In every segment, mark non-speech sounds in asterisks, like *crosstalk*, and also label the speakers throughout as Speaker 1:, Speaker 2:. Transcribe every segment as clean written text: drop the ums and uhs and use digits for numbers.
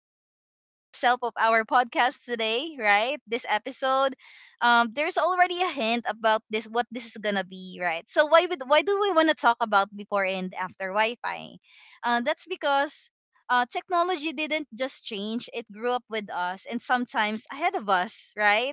Speaker 1: From the title itself of our podcast today, right? This episode, there's already a hint about this what this is gonna be, right? So why do we want to talk about before and after Wi-Fi? That's because technology didn't just change; it grew up with us and sometimes ahead of us, right?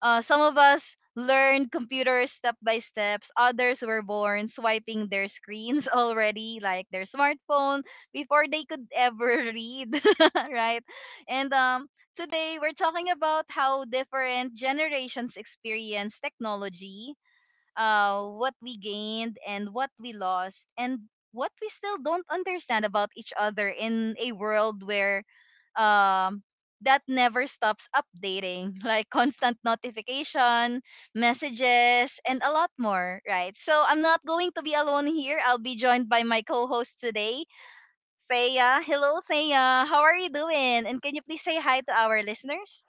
Speaker 1: Some of us learned computers step by steps. Others were born swiping their screens *laughs* already, like their smartphone, before they could ever read, *laughs* right? And today we're talking about how different generations experience technology, what we gained and what we lost and what we still don't understand about each other in a world where um, that never stops updating, *laughs* like constant notification, messages, and a lot more, right? So I'm not going to be alone here. I'll be joined by my co host today, Thea. Hello, Thea. How are you doing? And can you please say hi to our listeners?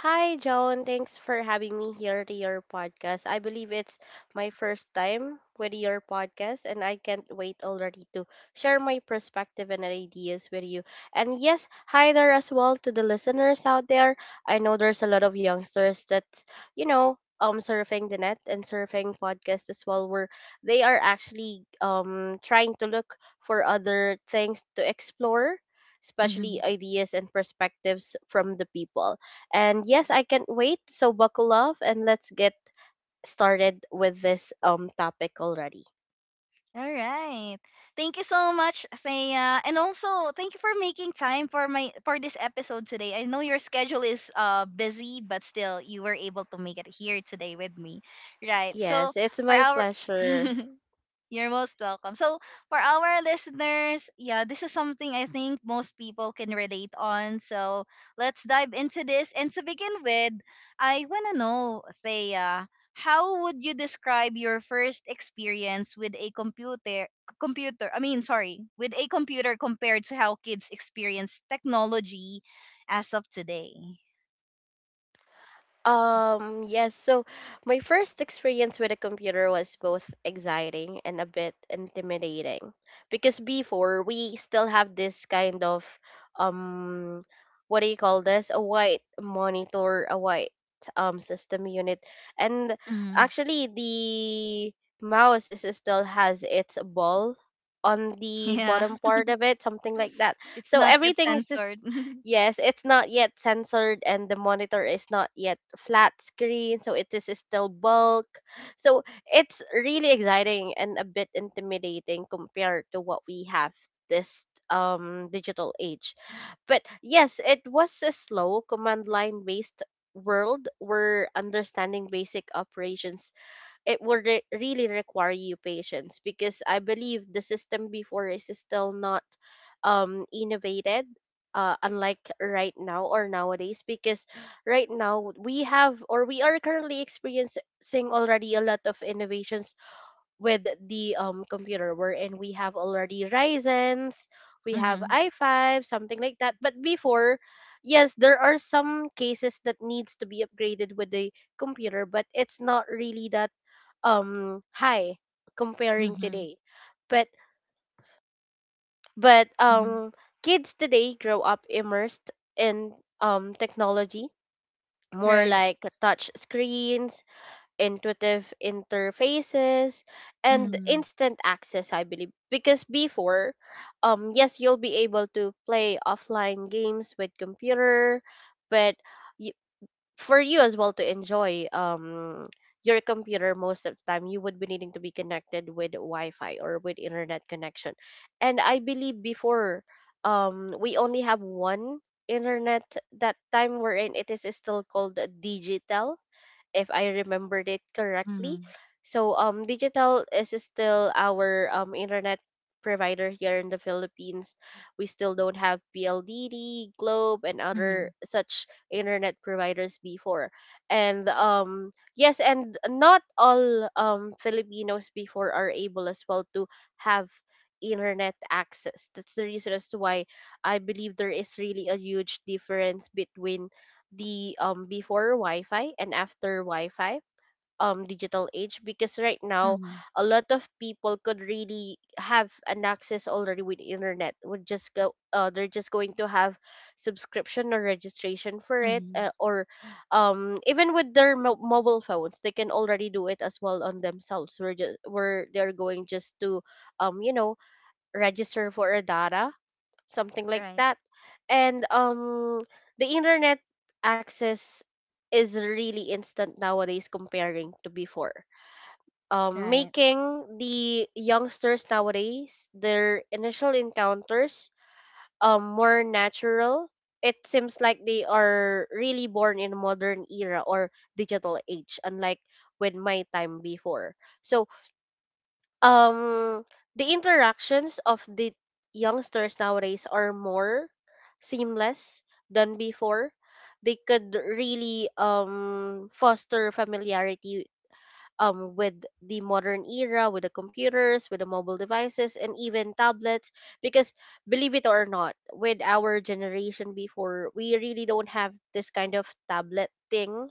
Speaker 2: Hi, Joan. Thanks for having me here to your podcast. I believe it's my first time with your podcast, and I can't wait already to share my perspective and ideas with you. And yes, hi there as well to the listeners out there. I know there's a lot of youngsters that, surfing the net and surfing podcasts as well, where they are actually trying to look for other things to explore. Especially ideas and perspectives from the people. And yes, I can't wait. So buckle up and let's get started with this topic already.
Speaker 1: All right. Thank you so much, Thea. And also, thank you for making time for my for this episode today. I know your schedule is busy, but still you were able to make it here today with me. Right. So,
Speaker 2: Yes, it's
Speaker 1: for
Speaker 2: my
Speaker 1: our
Speaker 2: pleasure.
Speaker 1: *laughs* You're most welcome. So, for our listeners, yeah, this is something I think most people can relate on. So, let's dive into this. And to begin with, I want to know, Thea, how would you describe your first experience with a computer? With a computer compared to how kids experience technology as of today?
Speaker 2: Yes. So my first experience with a computer was both exciting and a bit intimidating because before we still have this kind of um what do you call this? A white monitor, a white system unit. And
Speaker 1: Hmm.
Speaker 2: actually the mouse is still has its ball on the
Speaker 1: Yeah,
Speaker 2: bottom
Speaker 1: *laughs*
Speaker 2: part of it, something like that.
Speaker 1: it's
Speaker 2: So
Speaker 1: not yet
Speaker 2: everything is.
Speaker 1: censored. *laughs*
Speaker 2: Yes, it's not yet censored and the monitor is not yet flat screen, so it is still bulk. So it's really exciting and a bit intimidating compared to what we have this digital age. But yes, it was a slow command line based world where understanding basic operations it will really require you patience because I believe the system before is still not innovated unlike right now or nowadays, because right now we have, or we are currently experiencing already a lot of innovations with the computer wherein we have already Ryzen's, we have
Speaker 1: Mm-hmm.
Speaker 2: i5, something like that. But before, yes, there are some cases that needs to be upgraded with the computer, but it's not really that high comparing
Speaker 1: Mm-hmm.
Speaker 2: today. but but
Speaker 1: Mm-hmm.
Speaker 2: um kids today grow up immersed in technology, more
Speaker 1: Right.
Speaker 2: like touch screens, intuitive interfaces, and
Speaker 1: Mm-hmm.
Speaker 2: instant access. I believe because before, yes, you'll be able to play offline games with computer, but for you as well to enjoy your computer most of the time, you would be needing to be connected with Wi-Fi or with internet connection. And I believe before, we only have one internet. That time we're in, it is still called Digital, if I remembered it correctly.
Speaker 1: Mhm.
Speaker 2: So Digital is still our internet provider here in the Philippines. We still don't have PLDD, Globe and other
Speaker 1: Mhm.
Speaker 2: such internet providers before. And yes, and not all Filipinos before are able as well to have internet access. That's the reason as to why I believe there is really a huge difference between the before Wi-Fi and after Wi-Fi digital age, because right now
Speaker 1: Mhm.
Speaker 2: a lot of people could really have an access already with internet, would just go they're just going to have subscription or registration for it,
Speaker 1: Mhm.
Speaker 2: or even with their mobile phones, they can already do it as well on themselves, we're just where they're going just to um you know register for a data, something like
Speaker 1: Right.
Speaker 2: that. And the internet access is really instant nowadays comparing to before.
Speaker 1: Right.
Speaker 2: Making the youngsters nowadays their initial encounters more natural. It seems like they are really born in modern era or digital age, unlike with my time before. So um the interactions of the youngsters nowadays are more seamless than before. They could really foster familiarity with the modern era, with the computers, with the mobile devices, and even tablets, because, believe it or not, with our generation before, we really don't have this kind of tablet thing,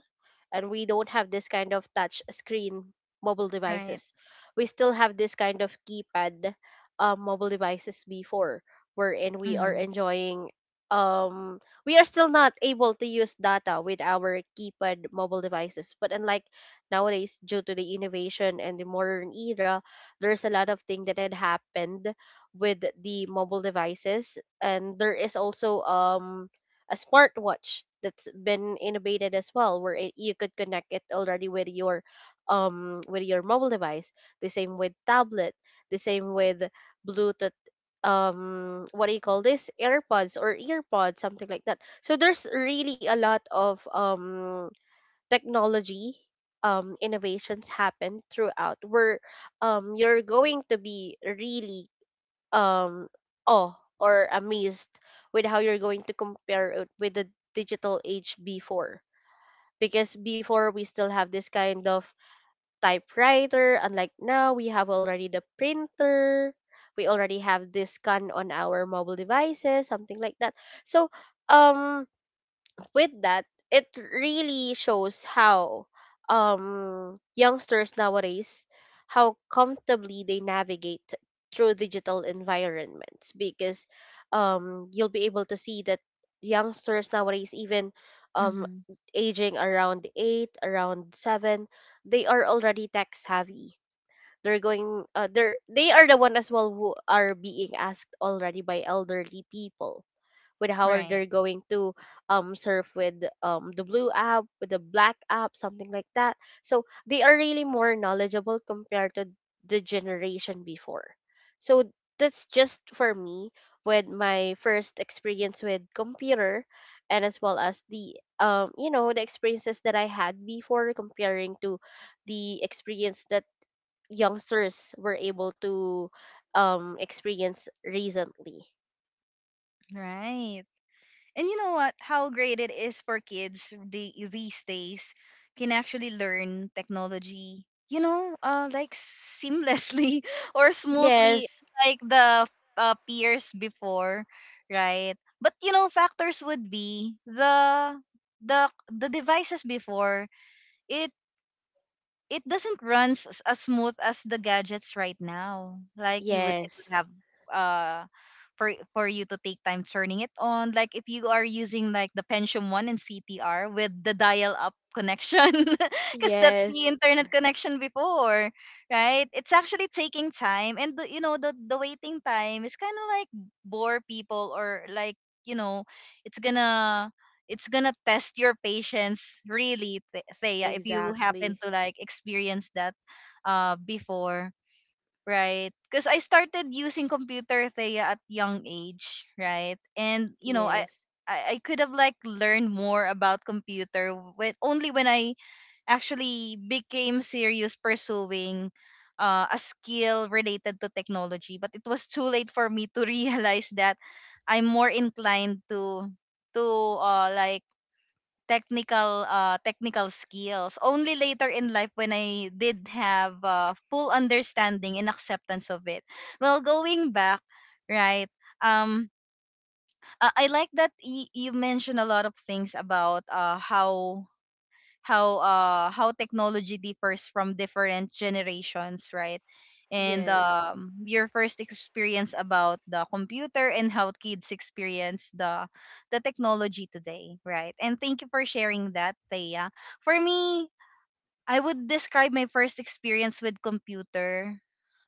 Speaker 2: and we don't have this kind of touch screen mobile
Speaker 1: Right.
Speaker 2: devices. We still have this kind of keypad mobile devices before, wherein we are
Speaker 1: Mhm.
Speaker 2: enjoying. Um, we are still not able to use data with our keypad mobile devices, but unlike nowadays, due to the innovation and the modern era, there's a lot of thing that had happened with the mobile devices, and there is also a smartwatch that's been innovated as well, where you could connect it already with your mobile device, the same with tablet, the same with Bluetooth, what do you call this, AirPods or EarPods, something like that. So there's really a lot of technology innovations happen throughout, where you're going to be really um awe or amazed with how you're going to compare it with the digital age before, because before we still have this kind of typewriter, unlike now we have already the printer, we already have this scan on our mobile devices, something like that. So um with that, it really shows how youngsters nowadays, how comfortably they navigate through digital environments, because you'll be able to see that youngsters nowadays, even um
Speaker 1: Mhm.
Speaker 2: aging around 8, around 7, they are already tech savvy. They are the one as well who are being asked already by elderly people with how are
Speaker 1: Right.
Speaker 2: they going to surf with the blue app, with the black app, something like that. So they are really more knowledgeable compared to the generation before. So that's just for me, with my first experience with computer, and as well as the the experiences that I had before, comparing to the experience that youngsters were able to experience recently.
Speaker 1: Right. And you know what? How great it is for kids these days can actually learn technology, you know, like seamlessly *laughs* or smoothly,
Speaker 2: Yes.
Speaker 1: like the peers before, right? But you know, factors would be the the devices before it it doesn't run as smooth as the gadgets right now. Like you would, it would
Speaker 2: Yes.
Speaker 1: have uh for you to take time turning it on. Like if you are using like the Pentium One and CTR with the dial-up connection, *laughs* because that's the
Speaker 2: Yes,
Speaker 1: internet connection before, right? It's actually taking time, and the, you know the waiting time is kind of like bore people or like you know it's gonna it's gonna test your patience really thea if you happen
Speaker 2: exactly.
Speaker 1: to like experience that before right because I started using computer thea at young age right and you know
Speaker 2: Yes,
Speaker 1: I could have like learned more about computer when only when I actually became serious pursuing a skill related to technology. But it was too late for me to *laughs* realize that I'm more inclined to to uh like technical technical skills only later in life when I did have full understanding and acceptance of it well going back right um I like that you mentioned a lot of things about uh how technology differs from different generations, right? And Yeah.
Speaker 2: yes,
Speaker 1: Your first experience about the computer and how kids experience the technology today, right? And thank you for sharing that, Thea. For me, I would describe my first experience with computer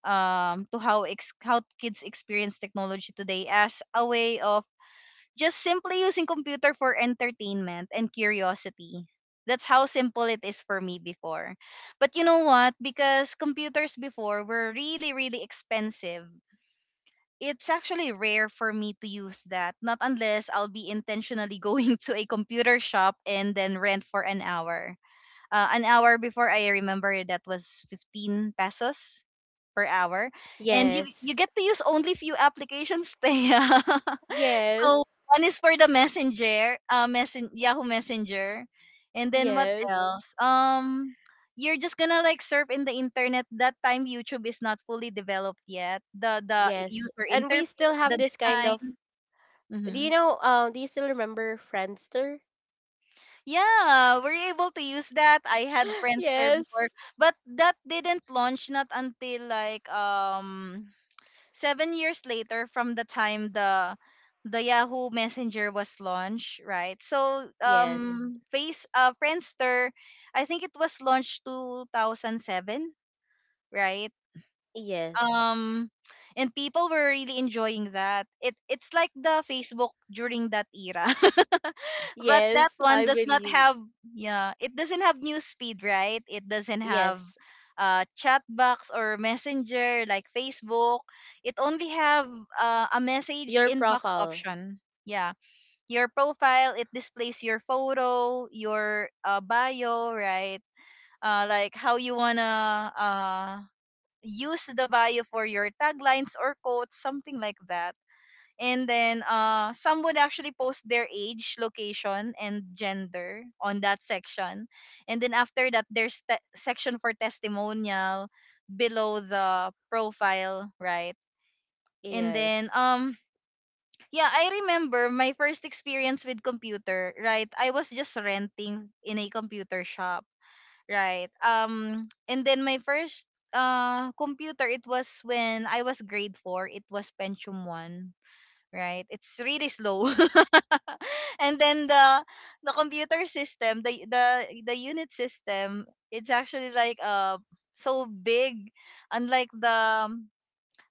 Speaker 1: to how kids experience technology today as a way of just simply using computer for entertainment and curiosity. That's how simple it is for me before. But you know what? Because computers before were really, really expensive. It's actually rare for me to use that, not unless I'll be intentionally *laughs* going to a computer shop and then rent for an hour. An hour before I remember that was 15 pesos per hour. And you
Speaker 2: yes,
Speaker 1: get to use only few applications *laughs* there. So
Speaker 2: yes,
Speaker 1: one is for the messenger, Yahoo Messenger, and then what
Speaker 2: yes,
Speaker 1: else? You're just gonna like surf in the internet. That time YouTube is not fully developed yet. The
Speaker 2: yes.
Speaker 1: user
Speaker 2: And we still
Speaker 1: interface,
Speaker 2: have
Speaker 1: the
Speaker 2: this kind
Speaker 1: design.
Speaker 2: of. Do
Speaker 1: Mm-hmm.
Speaker 2: you know? Do you still remember Friendster? *gasps*
Speaker 1: Yeah, were you able to use that? I had
Speaker 2: *laughs*
Speaker 1: friends there before,
Speaker 2: Yes,
Speaker 1: but that didn't launch not until like 7 years later from the time the Yahoo Messenger was launched, right? So
Speaker 2: yes,
Speaker 1: face Friendster, I think it was launched 2007, right?
Speaker 2: yes,
Speaker 1: Um, and people were really enjoying that it's like the facebook during that era *laughs* but that
Speaker 2: yes.
Speaker 1: one
Speaker 2: I
Speaker 1: does not
Speaker 2: believe.
Speaker 1: have yeah it doesn't have news feed right it doesn't have
Speaker 2: Yes,
Speaker 1: chat box or messenger like facebook it only have a message
Speaker 2: your
Speaker 1: inbox
Speaker 2: profile.
Speaker 1: option yeah your profile it displays your photo your bio right like how you wanna use the bio for your taglines or quotes, something like that. And then some would actually post their age, location, and gender on that section. And then after that, there's section for testimonial below the profile, right? And then
Speaker 2: Yes,
Speaker 1: yeah, I remember my first experience with computer, right? I was just renting in a computer shop. Right. And then my first computer it was when I was grade four. It was Pentium one. Right. It's really slow. *laughs* And then the computer system, the unit system, it's actually like so big, unlike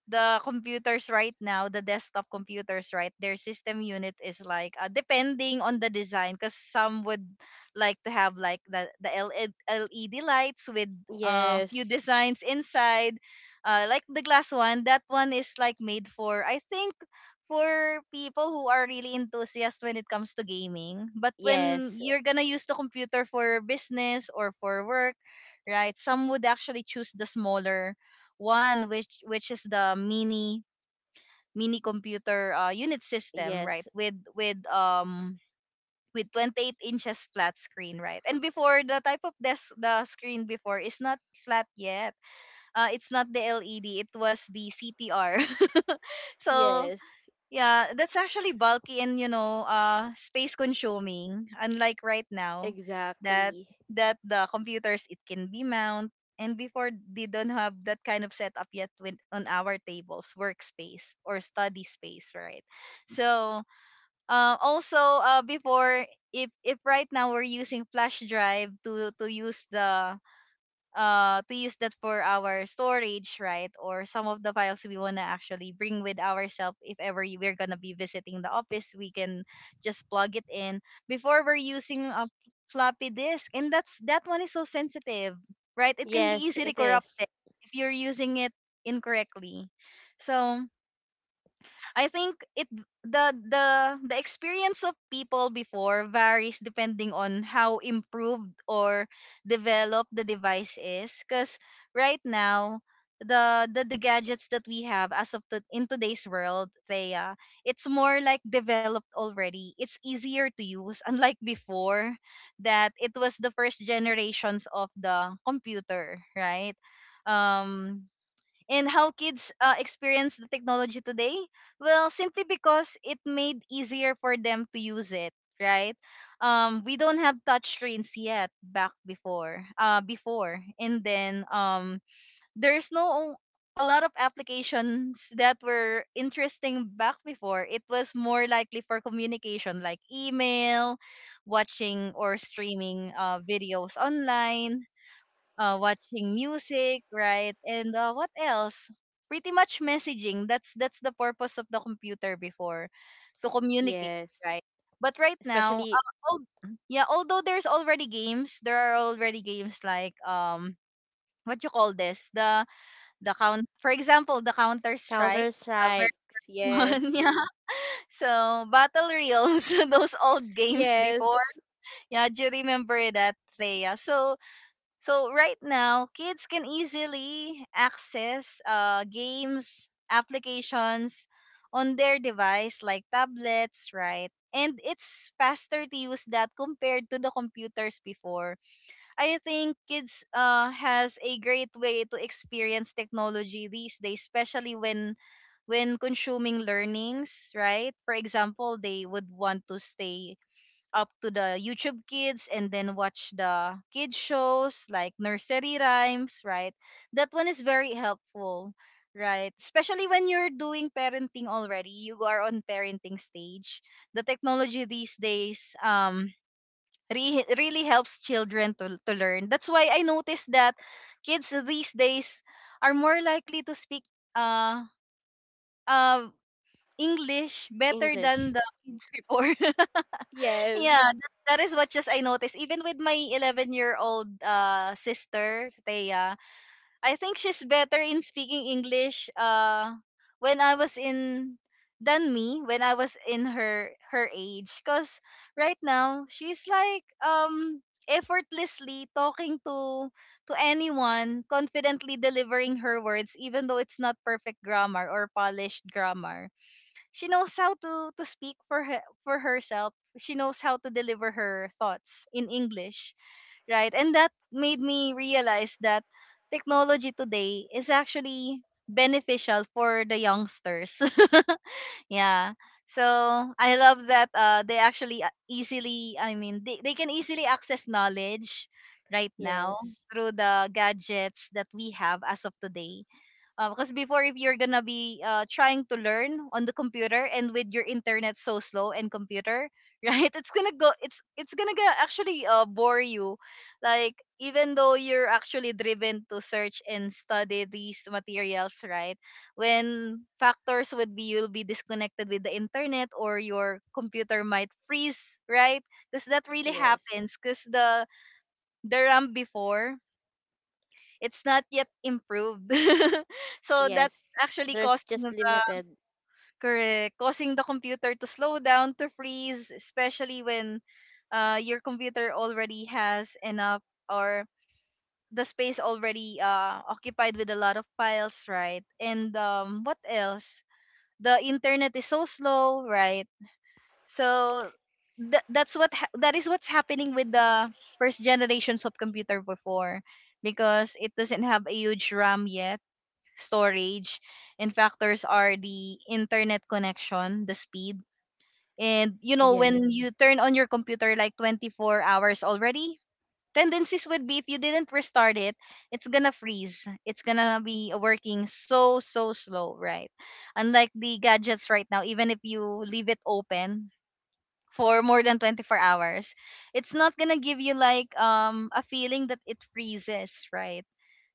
Speaker 1: the computers right now, the desktop computers, right, their system unit is like depending on the design, because some would like to have like the LED lights with few
Speaker 2: yes,
Speaker 1: designs inside, like the glass one. That one is like made for I think for people who are really enthusiast when it comes to gaming. But when
Speaker 2: yes,
Speaker 1: you're gonna use the computer for business or for work, right? Some would actually choose the smaller one which is the mini mini computer unit system right
Speaker 2: yes,
Speaker 1: with 28 inches flat screen right and before the type of desk the screen before is not flat yet it's not the led it was the ctr *laughs* so
Speaker 2: yes.
Speaker 1: yeah, that's actually bulky and you know, space consuming. Unlike right now, that
Speaker 2: Exactly.
Speaker 1: that the computers it can be mount and before they don't have that kind of setup yet with on our tables, workspace or study space, right? So, also before if right now we're using flash drive to use the to use that for our storage right or some of the files we want to actually bring with ourselves if ever we're going to be visiting the office we can just plug it in before we're using a floppy disk and that one is so sensitive right it can be
Speaker 2: Yes,
Speaker 1: easily
Speaker 2: it is.
Speaker 1: corrupted if you're using it incorrectly so I think it the experience of people before varies depending on how improved or developed the device is cuz right now the gadgets that we have as of the in today's world they it's more like developed already it's easier to use unlike before that it was the first generations of the computer right um and how kids experience the technology today? Well, simply because it made easier for them to use it, right? We don't have touch screens yet back before, and then there's no a lot of applications that were interesting back before. It was more likely for communication, like email, watching or streaming videos online, watching music, right? And what else? Pretty much messaging. That's the purpose of the computer before to communicate,
Speaker 2: Yes.
Speaker 1: right? But right now,
Speaker 2: Especially
Speaker 1: yeah, although there's already games, there are already games like what you call this? For example, the Counter Strike.
Speaker 2: Counter
Speaker 1: Uh,
Speaker 2: Strikes.
Speaker 1: version, *laughs*
Speaker 2: Yes,
Speaker 1: yeah. So Battle Realms, *laughs* those old games before.
Speaker 2: yes.
Speaker 1: Yeah, do you remember that, Thea? So so right now, kids can easily access games, applications on their device like tablets, right? And it's faster to use that compared to the computers before. I think kids has a great way to experience technology these days, especially when consuming learnings, right? For example, they would want to stay up to the YouTube Kids and then watch the kid shows like nursery rhymes, right? That one is very helpful, right? Especially when you're doing parenting already, you are on parenting stage. The technology these days really helps children to learn. That's why I noticed that kids these days are more likely to speak uh uh English better
Speaker 2: English.
Speaker 1: than the kids before. *laughs*
Speaker 2: Yes,
Speaker 1: Yeah, that is what just I noticed. Even with my 11-year-old sister, Thea, I think she's better in speaking English when I was in than me when I was in her age because right now she's like effortlessly talking to anyone, confidently delivering her words even though it's not perfect grammar or polished grammar. She knows how to speak for herself. She knows how to deliver her thoughts in English, right? And that made me realize that technology today is actually beneficial for the youngsters. *laughs* Yeah, so I love that they actually a- easily I mean they can easily access knowledge right now
Speaker 2: yes,
Speaker 1: through the gadgets that we have as of today. Because before, if you're gonna be trying to learn on the computer and with your internet so slow and computer, *laughs* right, it's gonna go it's gonna get actually, bore you, like, even though you're actually driven to search and study these materials, right? When factors would be you'll be disconnected with the internet or your computer might freeze, right? Because that really
Speaker 2: yes,
Speaker 1: happens, because the RAM before, it's not yet improved. *laughs* So that's
Speaker 2: yes.
Speaker 1: actually
Speaker 2: There's
Speaker 1: causing the
Speaker 2: just limited.
Speaker 1: correct, causing the computer to slow down, to freeze, especially when your computer already has enough, or the space already occupied with a lot of files, right? And what else? The internet is so slow, right? So that is what's happening with the first generations of computer before, because it doesn't have a huge RAM yet, storage, and factors are the internet connection, the speed. And you know, when
Speaker 2: Yes,
Speaker 1: you turn on your computer like 24 hours already, tendencies would be if you didn't restart it, it's gonna freeze. It's gonna be working so slow, right? Unlike the gadgets right now, even if you leave it open for more than 24 hours, it's not gonna give you like a feeling that it freezes, right?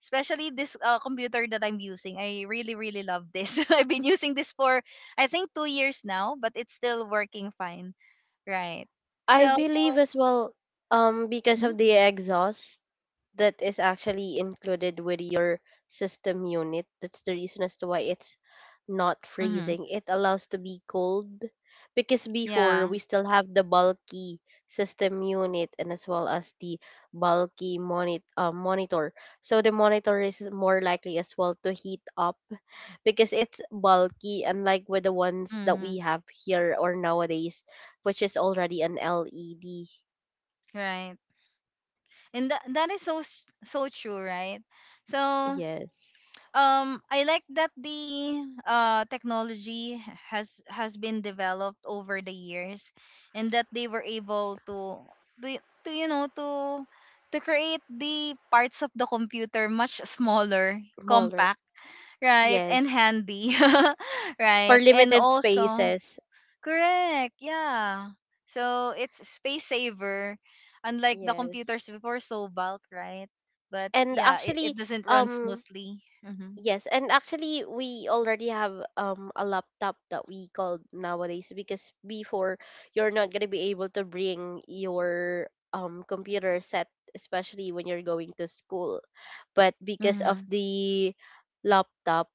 Speaker 1: Especially this computer that I'm using, I really love this. *laughs* I've been using this for I think 2 years now, but it's still working fine, right?
Speaker 2: I
Speaker 1: So
Speaker 2: believe as well. Because of the exhaust, that is actually included with your system unit. That's the reason as to why it's not
Speaker 1: mm-hmm.
Speaker 2: freezing. It allows to be cold, because before
Speaker 1: Yeah.
Speaker 2: we still have the bulky system unit, and as well as the bulky monitor. So the monitor is more likely as well to heat up because it's bulky, unlike with the ones that
Speaker 1: Mm-hmm.
Speaker 2: we have here or nowadays, which is already an LED.
Speaker 1: Right. And that is so so true, right? So
Speaker 2: Yes.
Speaker 1: I like that the technology has been developed over the years, and that they were able to, to you know to create the parts of the computer much smaller,
Speaker 2: Smaller.
Speaker 1: compact, right? And
Speaker 2: Yes.
Speaker 1: handy. *laughs* Right?
Speaker 2: For
Speaker 1: And
Speaker 2: limited
Speaker 1: also
Speaker 2: spaces.
Speaker 1: correct. Yeah. So it's space saver, unlike the computers
Speaker 2: yes
Speaker 1: before, so bulk, right? But
Speaker 2: and
Speaker 1: yeah, it,
Speaker 2: actually
Speaker 1: it doesn't run
Speaker 2: um
Speaker 1: smoothly. Mm-hmm.
Speaker 2: yes, and actually, we already have a laptop that we call nowadays, because before you're not going to be able to bring your computer set, especially when you're going to school, but because of
Speaker 1: Mm-hmm.
Speaker 2: the laptop,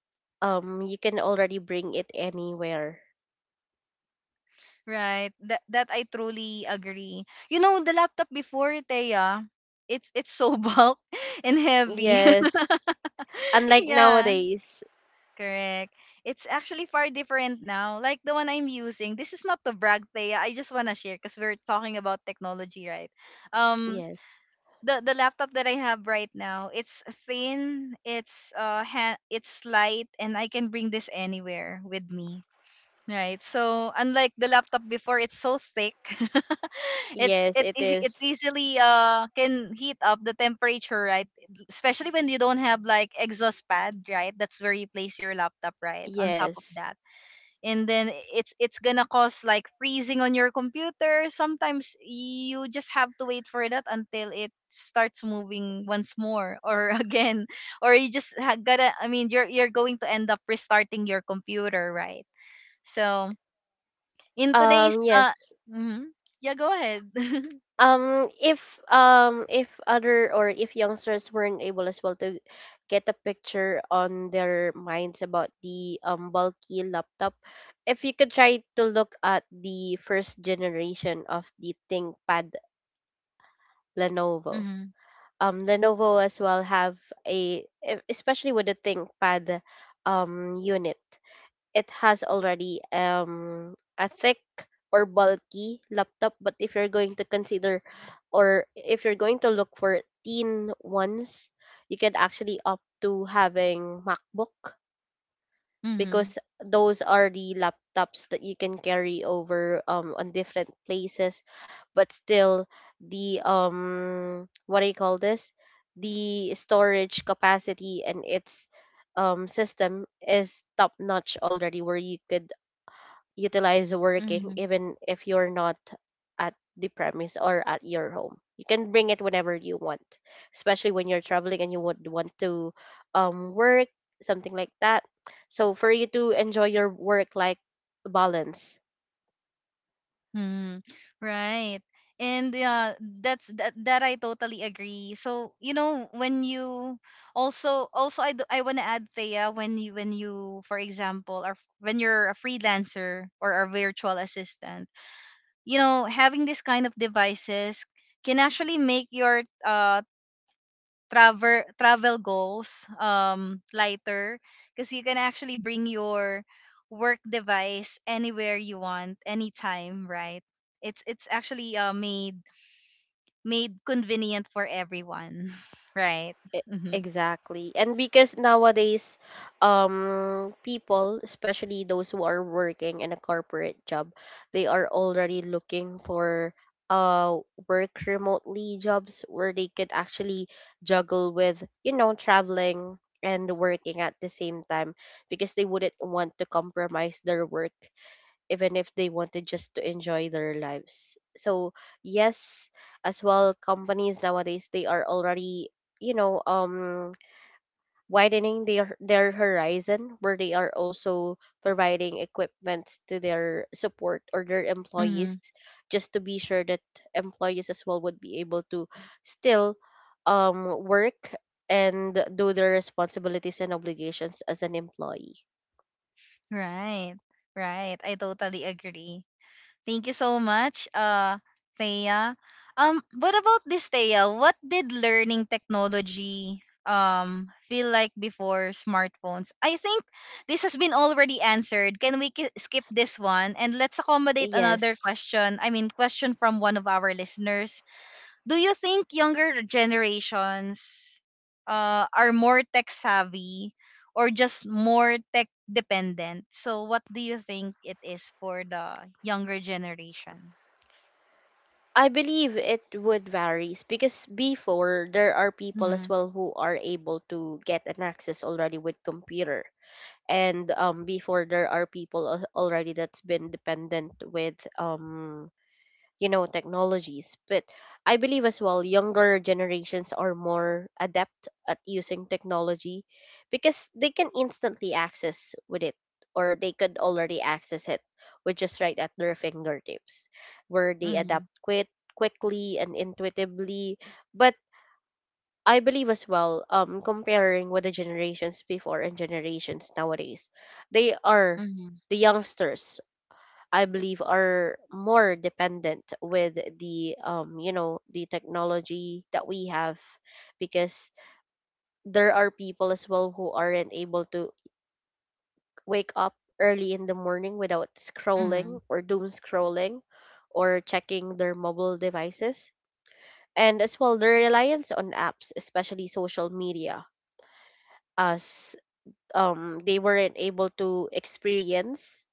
Speaker 2: you can already bring it anywhere.
Speaker 1: Right. That that I truly agree. You know, the laptop before, Teya, it's so *laughs* bulk and heavy. *laughs*
Speaker 2: Yes, unlike
Speaker 1: Yeah,
Speaker 2: nowadays.
Speaker 1: correct. It's actually far different now. Like the one I'm using. This is not to brag, Teya. I just wanna share because we're talking about technology, right? Um,
Speaker 2: Yes.
Speaker 1: the laptop that I have right now, it's thin, it's it's light, and I can bring this anywhere with me. Right. So unlike the laptop before, it's so thick. *laughs* it's
Speaker 2: Yes,
Speaker 1: it
Speaker 2: it
Speaker 1: eas- it
Speaker 2: is.
Speaker 1: easily can heat up the temperature, right? Especially when you don't have like exhaust pad, right? That's where you place your laptop, right? On top of
Speaker 2: Yes.
Speaker 1: that. And then it's gonna cause like freezing on your computer. Sometimes you just have to wait for that until it starts moving once more or *laughs* again. Or you just ha- gotta I mean you're going to end up restarting your computer, right? So in today's
Speaker 2: Um, yes.
Speaker 1: mhm. Yeah, go ahead. *laughs*
Speaker 2: If other, or if youngsters weren't able as well to get a picture on their minds about the bulky laptop, if you could try to look at the first generation of the ThinkPad Lenovo.
Speaker 1: Mm-hmm.
Speaker 2: Lenovo as well have a e- especially with the ThinkPad unit. It has already a thick or bulky laptop, but if you're going to consider, or if you're going to look for thin ones, you can actually opt to having MacBook,
Speaker 1: Mm-hmm.
Speaker 2: because those are the laptops that you can carry over on different places. But still, the what do you call this, the storage capacity and its system is top notch already, where you could utilize working
Speaker 1: Mm-hmm.
Speaker 2: even if you're not at the premise or at your home. You can bring it whenever you want, especially when you're traveling and you would want to work, something like that. So for you to enjoy your work life balance.
Speaker 1: Mm-hmm. Right. And yeah, that I totally agree. So, you know, when you also also I, d- I want to add, Thea, when you for example are, when you're a freelancer or a virtual assistant, you know, having this kind of devices can actually make your travel goals lighter, because you can actually bring your work device anywhere you want anytime, right? It's actually, made convenient for everyone. *laughs* Right?
Speaker 2: E-
Speaker 1: Mhm.
Speaker 2: Exactly. And because nowadays, people, especially those who are working in a corporate job, they are already looking for uh work remotely jobs where they could actually juggle with, you know, traveling and working at the same time, because they wouldn't want to compromise their work even if they wanted just to enjoy their lives. So yes, as well, companies nowadays they are already you know um widening their horizon where they are also providing equipment to their support or their
Speaker 1: Mhm.
Speaker 2: employees just to be sure that employees as well would be able to still work and do their responsibilities and obligations as an employee.
Speaker 1: Right. Right. I totally agree. Thank you so much, Thea. What about this, Thea? What did learning technology feel like before smartphones? I think this has been already answered. Can we skip this one and let's accommodate another
Speaker 2: Yes,
Speaker 1: question? I mean, question from one of our listeners: do you think younger generations are more tech savvy or just more tech dependent? So what do you think it is for the younger generations?
Speaker 2: I believe it would varies because before there are people
Speaker 1: Mm-hmm.
Speaker 2: as well who are able to get an access already with computer, and before there are people already that's been dependent with technologies. But I believe as well younger generations are more adept at using technology because they can instantly access with it, or they could already access it, which is right at their fingertips, where they
Speaker 1: Mm-hmm.
Speaker 2: adapt quit quickly and intuitively. But I believe as well, comparing with the generations before and generations nowadays, they are,
Speaker 1: Mm-hmm.
Speaker 2: the youngsters, I believe are more dependent with the the technology that we have, because there are people as well who aren't able to wake up early in the morning without
Speaker 1: Mm-hmm.
Speaker 2: scrolling or doom scrolling, or checking their mobile devices, and as well their reliance on apps, especially social media, as they weren't able to experience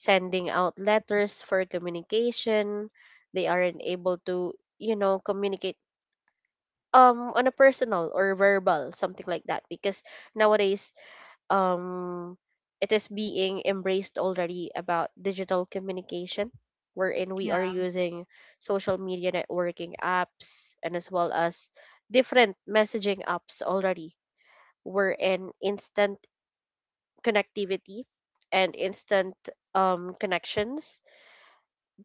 Speaker 2: sending out letters for communication. They aren't able to, communicate on a personal or verbal, something like that, because nowadays um it is being embraced already about digital communication, wherein we are
Speaker 1: Yeah.
Speaker 2: using social media networking apps, and as well as different messaging apps already, wherein instant connectivity and instant connections.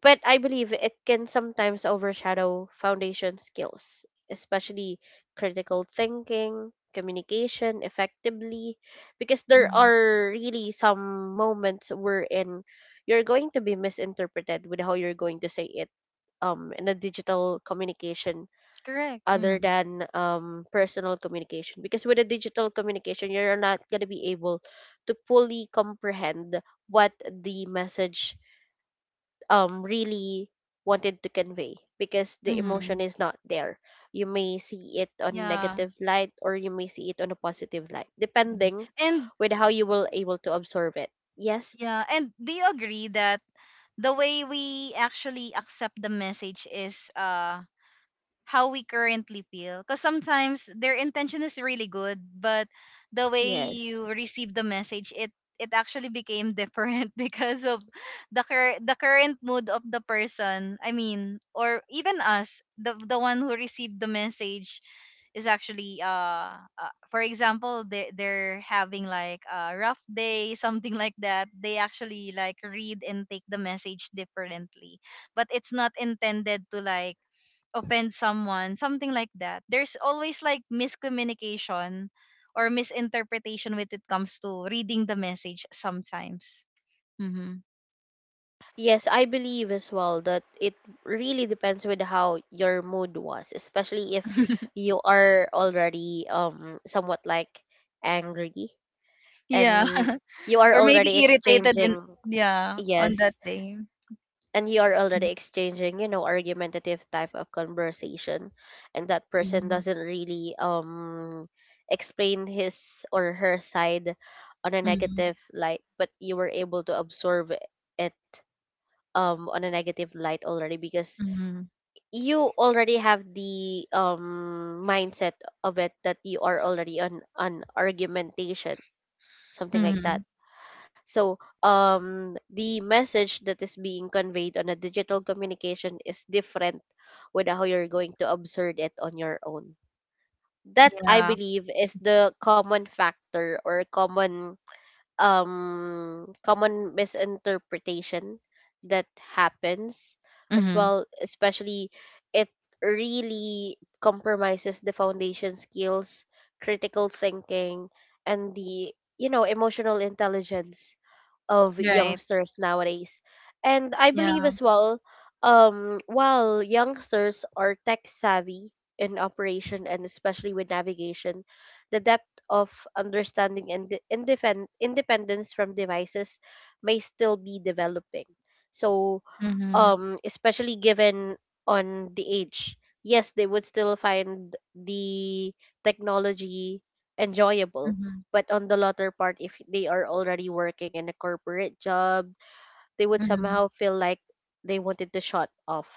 Speaker 2: But I believe it can sometimes overshadow foundation skills, especially critical thinking, communication effectively, because there
Speaker 1: Mm-hmm.
Speaker 2: are really some moments wherein you're going to be misinterpreted with how you're going to say it, in a digital communication,
Speaker 1: Correct. Mm-hmm.
Speaker 2: other than personal communication. Because with a digital communication, you're not going to be able to fully comprehend what the message really wanted to convey, because the emotion
Speaker 1: Mm-hmm.
Speaker 2: is not there. You may see it on
Speaker 1: Yeah.
Speaker 2: negative light, or you may see it on a positive light,
Speaker 1: Mhm.
Speaker 2: depending
Speaker 1: And
Speaker 2: with how you will able to absorb it. Yes.
Speaker 1: yeah, and do you agree that the way we actually accept the message is how we currently feel? Because sometimes their intention is really good, but the way
Speaker 2: Yes.
Speaker 1: you receive the message, it actually became different *laughs* because of the current mood of the person. I mean, or even us, the one who received the message is actually, for example, they they're having like a rough day, something like that. They actually like read and take the message differently, but it's not intended to like offend someone, something like that. There's always like miscommunication or misinterpretation when it comes to reading the message sometimes. Mm-hmm.
Speaker 2: Yes, I believe as well that it really depends with how your mood was, especially if you are already somewhat like angry,
Speaker 1: Yeah.
Speaker 2: and
Speaker 1: *laughs*
Speaker 2: you are
Speaker 1: Or maybe
Speaker 2: already
Speaker 1: irritated in,
Speaker 2: exchanging.
Speaker 1: yeah, on that
Speaker 2: Yes,
Speaker 1: day.
Speaker 2: and you are already exchanging, you know, argumentative type of conversation, and that person
Speaker 1: Mm-hmm.
Speaker 2: doesn't really explain his or her side on a
Speaker 1: Mm-hmm.
Speaker 2: negative light, but you were able to absorb it on a negative light already, because
Speaker 1: Mm-hmm.
Speaker 2: you already have the mindset of it, that you are already on argumentation, something like
Speaker 1: Mm-hmm.
Speaker 2: that. So, the message that is being conveyed on a digital communication is different with how you're going to observe it on your own. That I
Speaker 1: Yeah.
Speaker 2: believe is the common factor, or common common misinterpretation that happens as
Speaker 1: Mm-hmm.
Speaker 2: well, especially it really compromises the foundation skills, critical thinking, and the, you know, emotional intelligence of
Speaker 1: Right.
Speaker 2: youngsters nowadays. And I believe
Speaker 1: Yeah.
Speaker 2: as well, while youngsters are tech savvy in operation and especially with navigation, the depth of understanding and the independence from devices may still be developing. So
Speaker 1: Mm-hmm.
Speaker 2: especially given on the age, yes, they would still find the technology enjoyable,
Speaker 1: Mm-hmm.
Speaker 2: but on the latter part, if they are already working in a corporate job, they would
Speaker 1: Mm-hmm.
Speaker 2: somehow feel like they wanted to shut off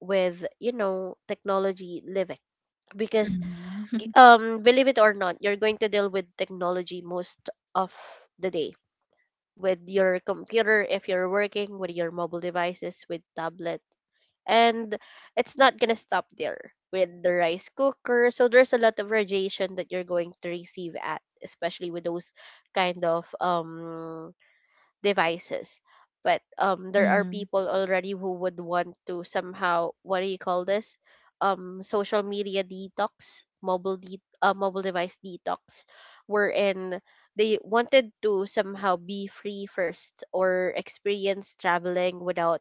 Speaker 2: with, you know, technology living, because
Speaker 1: Mm-hmm. *laughs*
Speaker 2: believe it or not, you're going to deal with technology most of the day, with your computer, if you're working, with your mobile devices, with tablet, and it's not gonna stop there with the rice cooker. So there's a lot of radiation that you're going to receive at, especially with those kind of devices. But there are
Speaker 1: Mm-hmm.
Speaker 2: people already who would want to somehow, what do you call this? Social media detox, mobile device detox, wherein they wanted to somehow be free first, or experience traveling without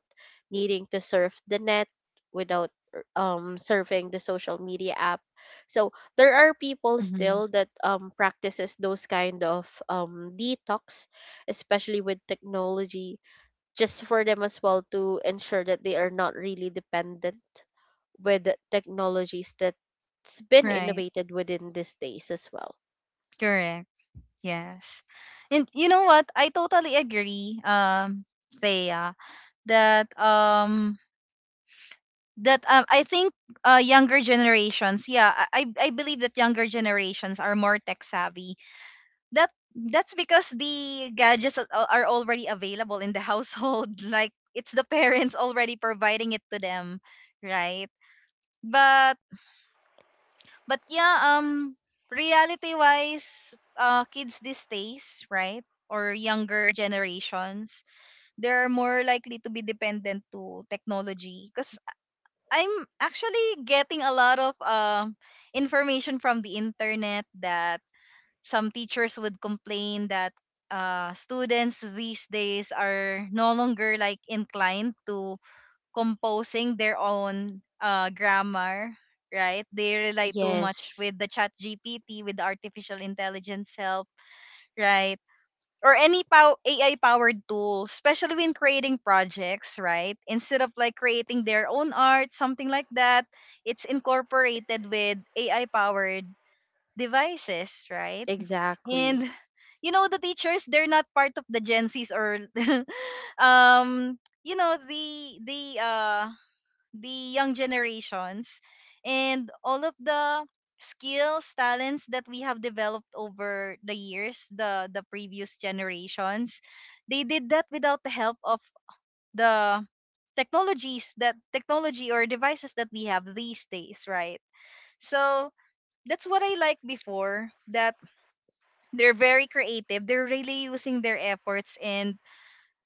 Speaker 2: needing to surf the net, without surfing the social media app. So there are people
Speaker 1: Mm-hmm.
Speaker 2: still that practices those kind of detox, especially with technology, just for them as well to ensure that they are not really dependent with the technologies that's been
Speaker 1: Right.
Speaker 2: innovated within these days as well.
Speaker 1: Correct. Yes. And you know what? I totally agree, Thea, that I think younger generations, yeah, I believe that younger generations are more tech savvy. That that's because the gadgets are already available in the household. *laughs* Like it's the parents already providing it to them, right? But but yeah, reality wise, kids these days, right, or younger generations, they're more likely to be dependent to technology because I'm actually getting a lot of information from the internet that some teachers would complain that, students these days are no longer like inclined to composing their own, grammar, right? They rely too much
Speaker 2: Yes,
Speaker 1: with the chat gpt with the artificial intelligence help, right? Or any AI powered tools, especially when creating projects, right? Instead of like creating their own art, something like that, it's incorporated with AI powered devices, right?
Speaker 2: exactly.
Speaker 1: And you know the teachers, they're not part of the Gen Zs or *laughs* um you know the young generations. And all of the skills, talents that we have developed over the years, the previous generations, they did that without the help of the technologies, that technology or devices that we have these days, right? So that's what I like before, that they're very creative, they're really using their efforts and,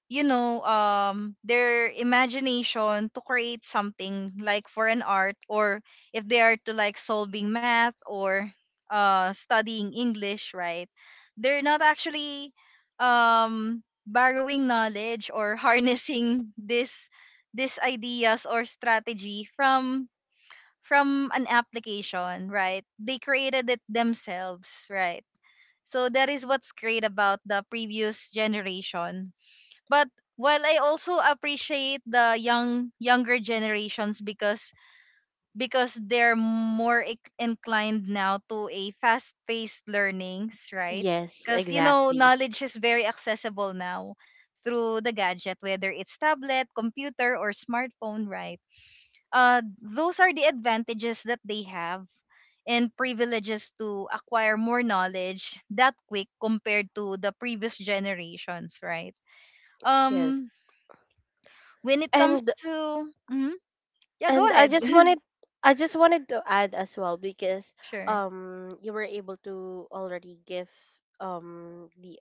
Speaker 1: you know, um, their imagination to create something like for an art, or if they are to like solving math or studying English, right? They're not actually, um, borrowing knowledge or *laughs* harnessing this, this ideas or strategy from an application, right? They created it themselves, right? So that is what's great about the previous generation. But while I also appreciate the younger generations, because they're more inclined now to a fast-paced learnings, right?
Speaker 2: Yes,
Speaker 1: Because you know
Speaker 2: exactly.
Speaker 1: knowledge is very accessible now through the gadget, whether it's tablet, computer, or smartphone, right? Those are the advantages that they have and privileges to acquire more knowledge that quick compared to the previous generations, right? Um,
Speaker 2: Yes.
Speaker 1: when it comes
Speaker 2: And
Speaker 1: to hmm yeah go
Speaker 2: and I
Speaker 1: ahead.
Speaker 2: just wanted
Speaker 1: *laughs*
Speaker 2: I just wanted to add as well because
Speaker 1: Sure.
Speaker 2: you were able to already give the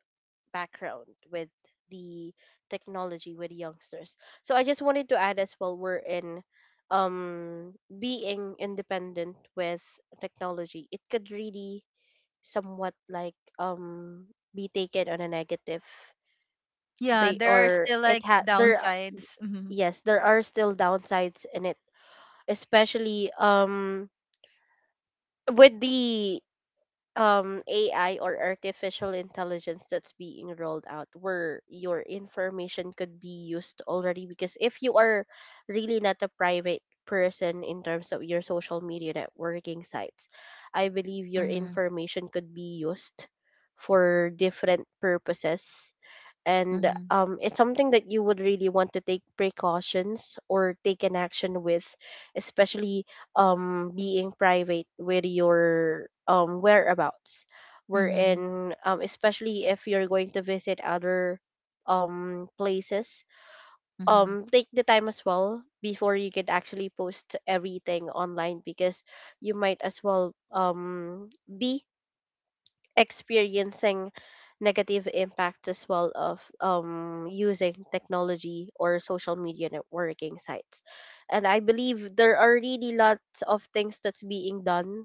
Speaker 2: background with the technology with youngsters. So I just wanted to add as well, we're in being independent with technology, it could really somewhat like be taken on a negative
Speaker 1: Yeah,
Speaker 2: ba-
Speaker 1: there are
Speaker 2: or
Speaker 1: still
Speaker 2: it
Speaker 1: like
Speaker 2: had there are- y-
Speaker 1: downsides, hmm.
Speaker 2: yes, there are still downsides in it, especially with the AI, or artificial intelligence, that's being rolled out, where your information could be used already, because if you are really not a private person in terms of your social media networking sites, I believe your
Speaker 1: Mhm.
Speaker 2: information could be used for different purposes, and
Speaker 1: Mhm.
Speaker 2: it's something that you would really want to take precautions or take an action with, especially being private with your whereabouts,
Speaker 1: Mhm.
Speaker 2: wherein especially if you're going to visit other places,
Speaker 1: Mhm.
Speaker 2: take the time as well before you can actually post everything online, because you might as well be experiencing negative impact as well of using technology or social media networking sites. And I believe there are really lots of things that's being done,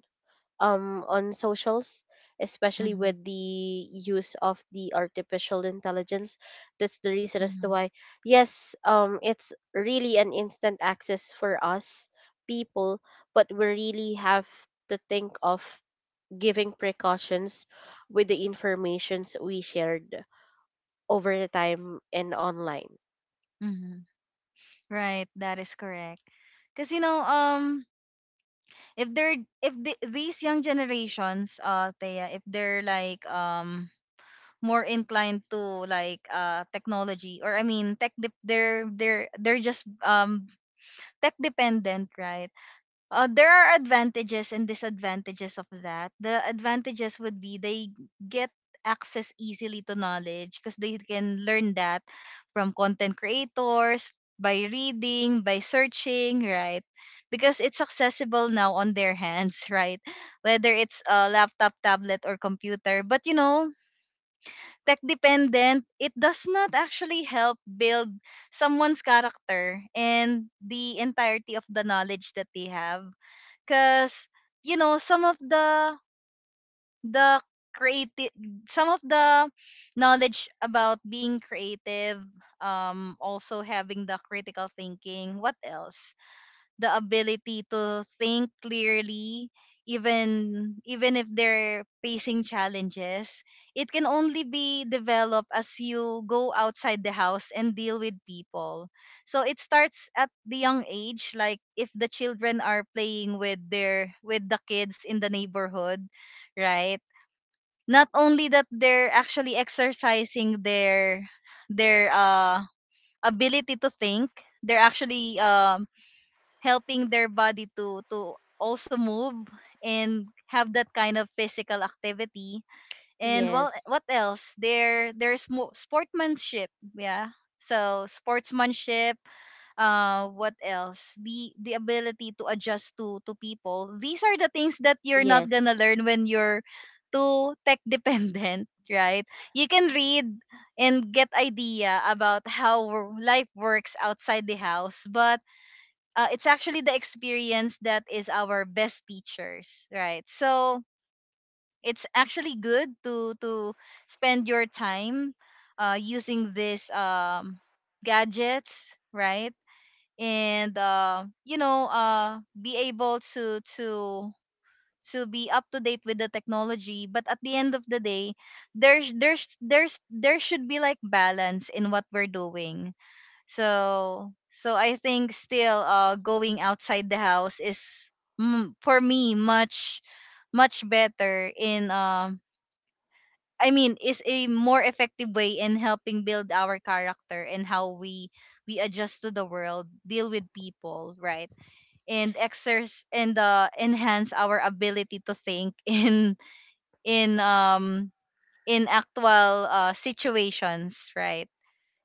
Speaker 2: on socials, especially
Speaker 1: Mhm.
Speaker 2: with the use of the artificial intelligence. That's the reason as to
Speaker 1: Mhm.
Speaker 2: why, yes, it's really an instant access for us people, but we really have to think of giving precautions with the informations we shared over the time and online.
Speaker 1: Mhm. Right, that is correct. Because you know, um, if they're, if these young generations, uh, Thea, if they're like more inclined to like technology, or I mean, they're they're just tech dependent, right? There are advantages and disadvantages of that. The advantages would be they get access easily to knowledge, because they can learn that from content creators, by reading, by searching, right? Because it's accessible now on their hands, *laughs* right? Whether it's a laptop, tablet, or computer. But, tech dependent, it does not actually help build someone's character and the entirety of the knowledge that they have because some of the creative, some of the knowledge about being creative, also having the critical thinking, what else, the ability to think clearly, even even if they're facing challenges, it can only be developed as you go outside the house and deal with people. So it starts at the young age, like if the children are playing with their with the kids in the neighborhood, right? Not only that, they're actually exercising their their uh ability to think. They're actually, helping their body to also move and have that kind of physical activity. And well,
Speaker 2: Yes,
Speaker 1: what else, there's sportsmanship. Yeah, so sportsmanship. What else, the ability to adjust to people. These are the things that you're not
Speaker 2: yes,
Speaker 1: gonna learn when you're too tech dependent, *laughs* right? You can read and get idea about how life works outside the house, but it's actually the experience that is our best teachers, right? So it's actually good to spend your time using these gadgets, right? And be able to to be up to date with the technology. But at the end of the day, there's there should be like balance in what we're doing. So I think still, going outside the house is for me much much better in is a more effective way in helping build our character and how we adjust to the world, deal with people, right? And exercise and enhance our ability to think *laughs* in in um in actual situations, right?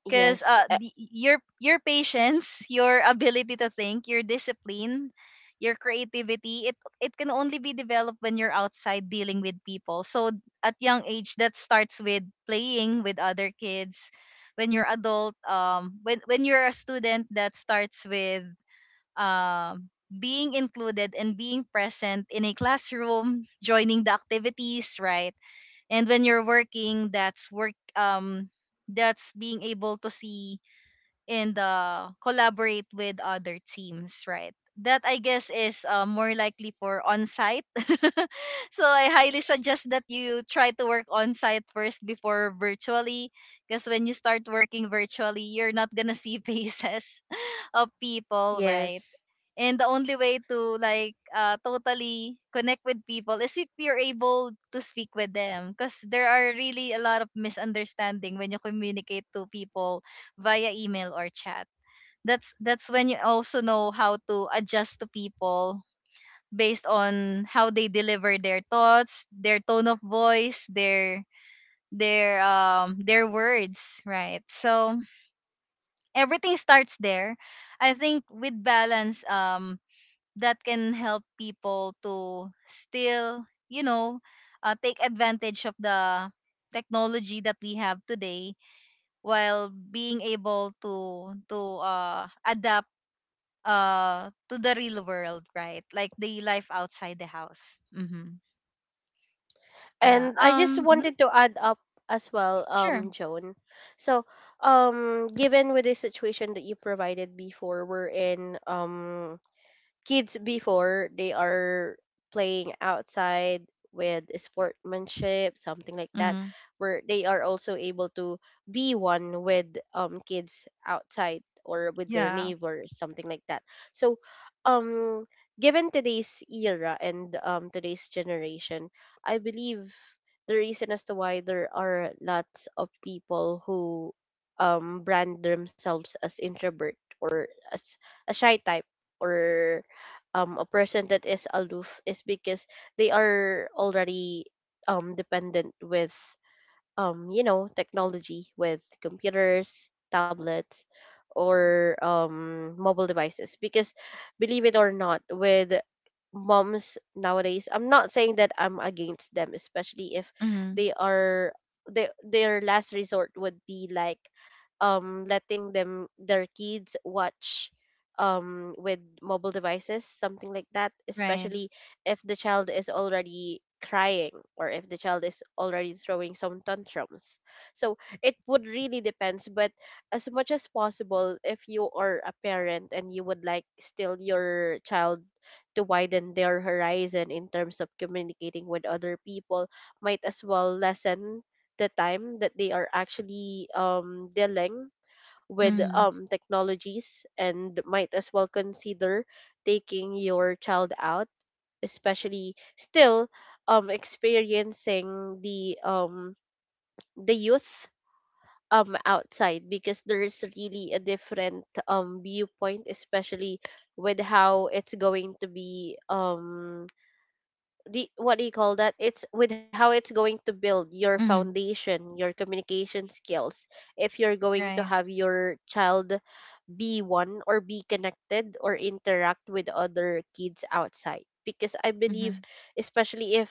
Speaker 1: Because
Speaker 2: yes,
Speaker 1: the, your patience, your ability to think, your discipline, your creativity, it can only be developed when you're outside dealing with people. So at young age, that starts with playing with other kids. When you're adult, when you're a student, that starts with um being included and being present in a classroom, joining the activities, right? And when you're working, that's work, that's being able to see and collaborate with other teams, right? That I guess is more likely for on site. *laughs* So I highly suggest that you try to work on site first before virtually, because when you start working virtually, you're not gonna see *laughs* faces of people, right?
Speaker 2: yes.
Speaker 1: And the only way to like totally connect with people is if you're able to speak with them, because there are really a lot of misunderstanding when you communicate to people via email or chat. That's when you also know how to adjust to people based on how they deliver their thoughts, their tone of voice, their words, right? So everything starts there. I think with balance, that can help people to still, take advantage of the technology that we have today while being able to adapt to the real world, right? Like the life outside the house. Mm-hmm. Yeah.
Speaker 2: And I just
Speaker 1: Mhm,
Speaker 2: wanted to add up as well,
Speaker 1: Sure.
Speaker 2: Joan. So, given with the situation that you provided before, we're in kids before, they are playing outside with sportsmanship, something like that,
Speaker 1: Mm-hmm.
Speaker 2: where they are also able to be one with kids outside or with their
Speaker 1: Yeah.
Speaker 2: neighbors, something like that. So um given today's era and today's generation, I believe the reason as to why there are lots of people who brand themselves as introvert, or as a shy type, or a person that is aloof, is because they are already dependent with, technology, with computers, tablets, or mobile devices. Because believe it or not, with moms nowadays, I'm not saying that I'm against them, especially if
Speaker 1: Mm-hmm.
Speaker 2: they are, they, their last resort would be like letting them their kids watch with mobile devices, something like that,
Speaker 1: Right.
Speaker 2: especially if the child is already crying, or if the child is already throwing some tantrums. So it would really depends, but as much as possible, if you are a parent and you would like still your child to widen their horizon in terms of communicating with other people, might as well lessen the time that they are actually dealing with
Speaker 1: Mm-hmm.
Speaker 2: technologies, and might as well consider taking your child out, especially still experiencing the youth outside, because there's really a different viewpoint, especially with how it's going to be the, what do you call that, it's with how it's going to build your
Speaker 1: Mm-hmm.
Speaker 2: foundation, your communication skills, if you're going to
Speaker 1: Right.
Speaker 2: have your child be one, or be connected, or interact with other kids outside, because I
Speaker 1: Mm-hmm.
Speaker 2: believe, especially if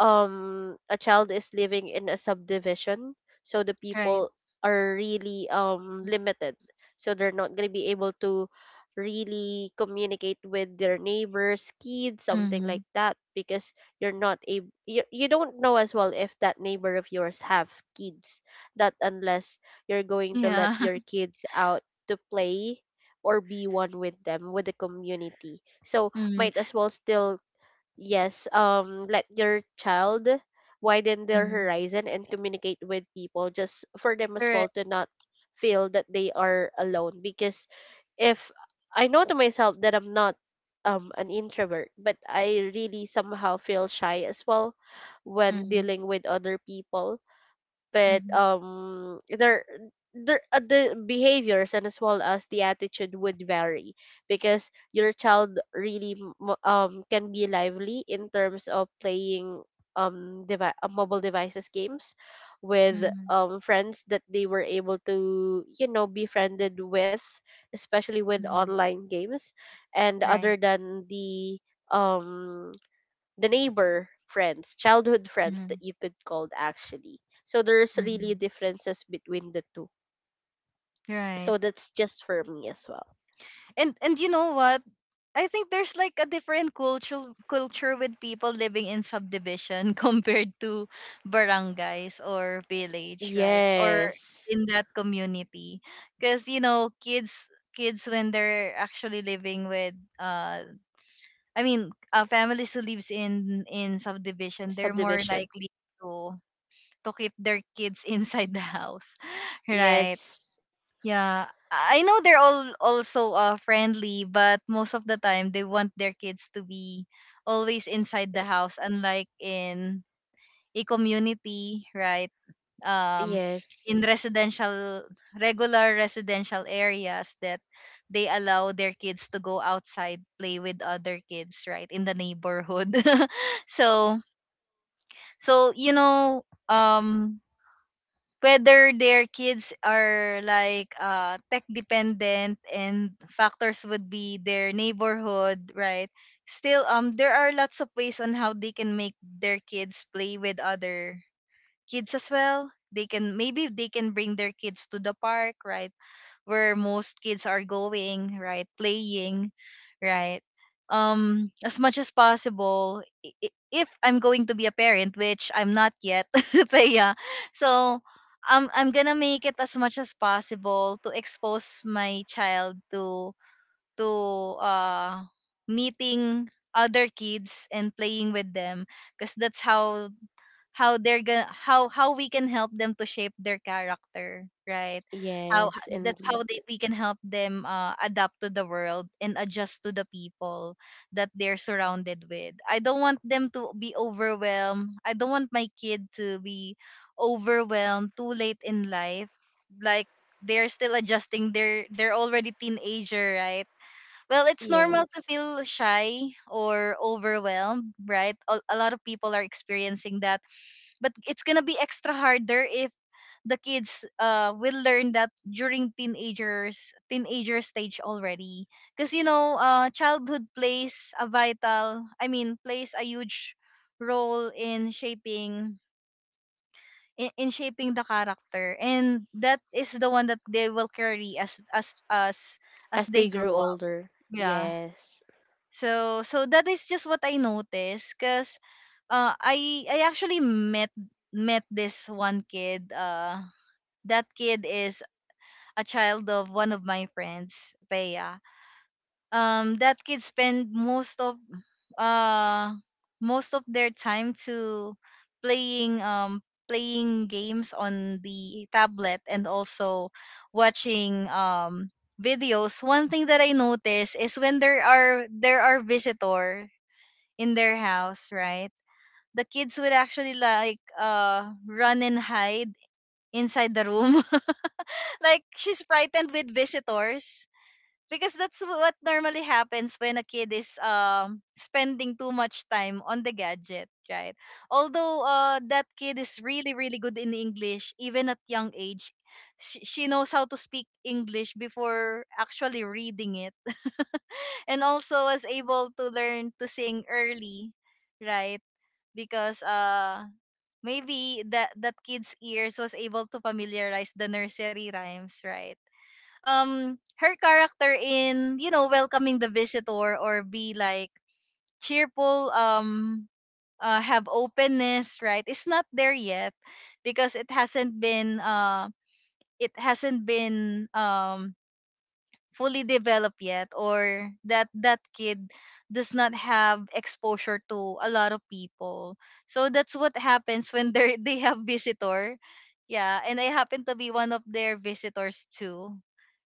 Speaker 2: a child is living in a subdivision, so the
Speaker 1: Right.
Speaker 2: people are really limited, so they're not going to be able to really communicate with their neighbors kids, something like
Speaker 1: Mm-hmm.
Speaker 2: that, because you're not able, you don't know as well if that neighbor of yours have kids, not unless you're going to let
Speaker 1: Yeah.
Speaker 2: your
Speaker 1: *laughs*
Speaker 2: kids out to play, or be one with them with the community. So
Speaker 1: Mm-hmm.
Speaker 2: might as well still, yes, let your child widen their
Speaker 1: Mm-hmm.
Speaker 2: horizon and communicate with people, just for them as well
Speaker 1: Correct.
Speaker 2: to not feel that they are alone. Because if, I know to myself that I'm not an introvert, but I really somehow feel shy as well when
Speaker 1: Mm-hmm.
Speaker 2: dealing with other people. But there, the behaviors, and as well as the attitude, would vary, because your child really can be lively in terms of playing mobile devices games with
Speaker 1: Mm-hmm.
Speaker 2: friends that they were able to, you know, befriended with, especially with
Speaker 1: Mhm.
Speaker 2: online games, and
Speaker 1: Right.
Speaker 2: other than um the neighbor friends, childhood friends,
Speaker 1: Mhm.
Speaker 2: that you could call actually. So there's really
Speaker 1: Mhm.
Speaker 2: differences between the two.
Speaker 1: Right.
Speaker 2: So that's just for me as well.
Speaker 1: And you know what? I think there's like a different cultural culture with people living in subdivision *laughs* compared to barangays or village, right? Or
Speaker 2: Yes.
Speaker 1: in that community. Because you know, kids when they're actually living with uh families who lives in subdivision, they're more
Speaker 2: Subdivision.
Speaker 1: likely to keep their kids *laughs* inside the house, *laughs* right?
Speaker 2: Yes.
Speaker 1: Yeah, I know they're all also friendly, but most of the time they want their kids to be always inside the house, unlike in a community, right? Um,
Speaker 2: Yes.
Speaker 1: in residential, regular residential areas, that they allow their kids to go outside, play with other kids, right, in the neighborhood. *laughs* So, so you know, whether their kids are like tech dependent, and factors would be their neighborhood, right? Still, there are lots of ways on how they can make their kids play with other kids as well. They can, maybe they can bring their kids to the park, right? Where most kids are going, right, playing, right. As much as possible, if I'm going to be a parent, which I'm not yet, *laughs* so yeah. So I'm going to make it as much as possible to expose my child to to uh meeting other kids and playing with them, because that's how they're gonna how we can help them to shape their character, right? How,
Speaker 2: Yes,
Speaker 1: that's
Speaker 2: indeed.
Speaker 1: how they we can help them adapt to the world and adjust to the people that they're surrounded with. I don't want them to be overwhelmed. I don't want my kid to be overwhelmed too late in life, like they're still adjusting, they're already teenager, right? Well, it's normal to
Speaker 2: Yes.
Speaker 1: feel shy or overwhelmed, right? A lot of people are experiencing that, but it's gonna be extra harder if the kids will learn that during teenager stage already. Because you know, childhood plays a vital I mean plays a huge role in shaping, in shaping the character, and that is the one that they will carry
Speaker 2: As
Speaker 1: as
Speaker 2: they
Speaker 1: they
Speaker 2: grew
Speaker 1: grow up.
Speaker 2: older.
Speaker 1: Yeah,
Speaker 2: Yes.
Speaker 1: so so that is just what I noticed, because I actually met this one kid. That kid is a child of one of my friends, Thea. That kid spent uh most of their time to playing, playing games on the tablet, and also watching videos. One thing that I noticed is when there are, there are visitor in their house, right? The kids would actually like run and hide inside the room. *laughs* Like she's frightened with visitors, because that's what normally happens when a kid is spending too much time on the gadget, right? Although that kid is really really good in English, even at young age. She knows how to speak English before actually reading it, and also was able to learn to sing early, right? Because maybe that kid's ears was able to familiarize the nursery rhymes, right? Her character in, you know, welcoming the visitor or be like cheerful, have openness, right? It's not there yet, because it hasn't been fully developed yet, or that that kid does not have exposure to a lot of people. So that's what happens *laughs* when they have visitor. Yeah, and I happen to be one of their visitors too,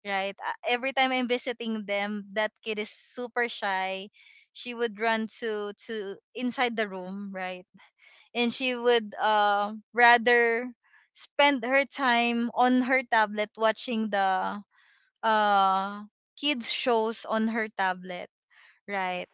Speaker 1: right? Every time I'm visiting them, that kid is super shy. She would run to inside the room, right? And she would rather spend her time on her tablet, watching the uh kids shows on her tablet, right?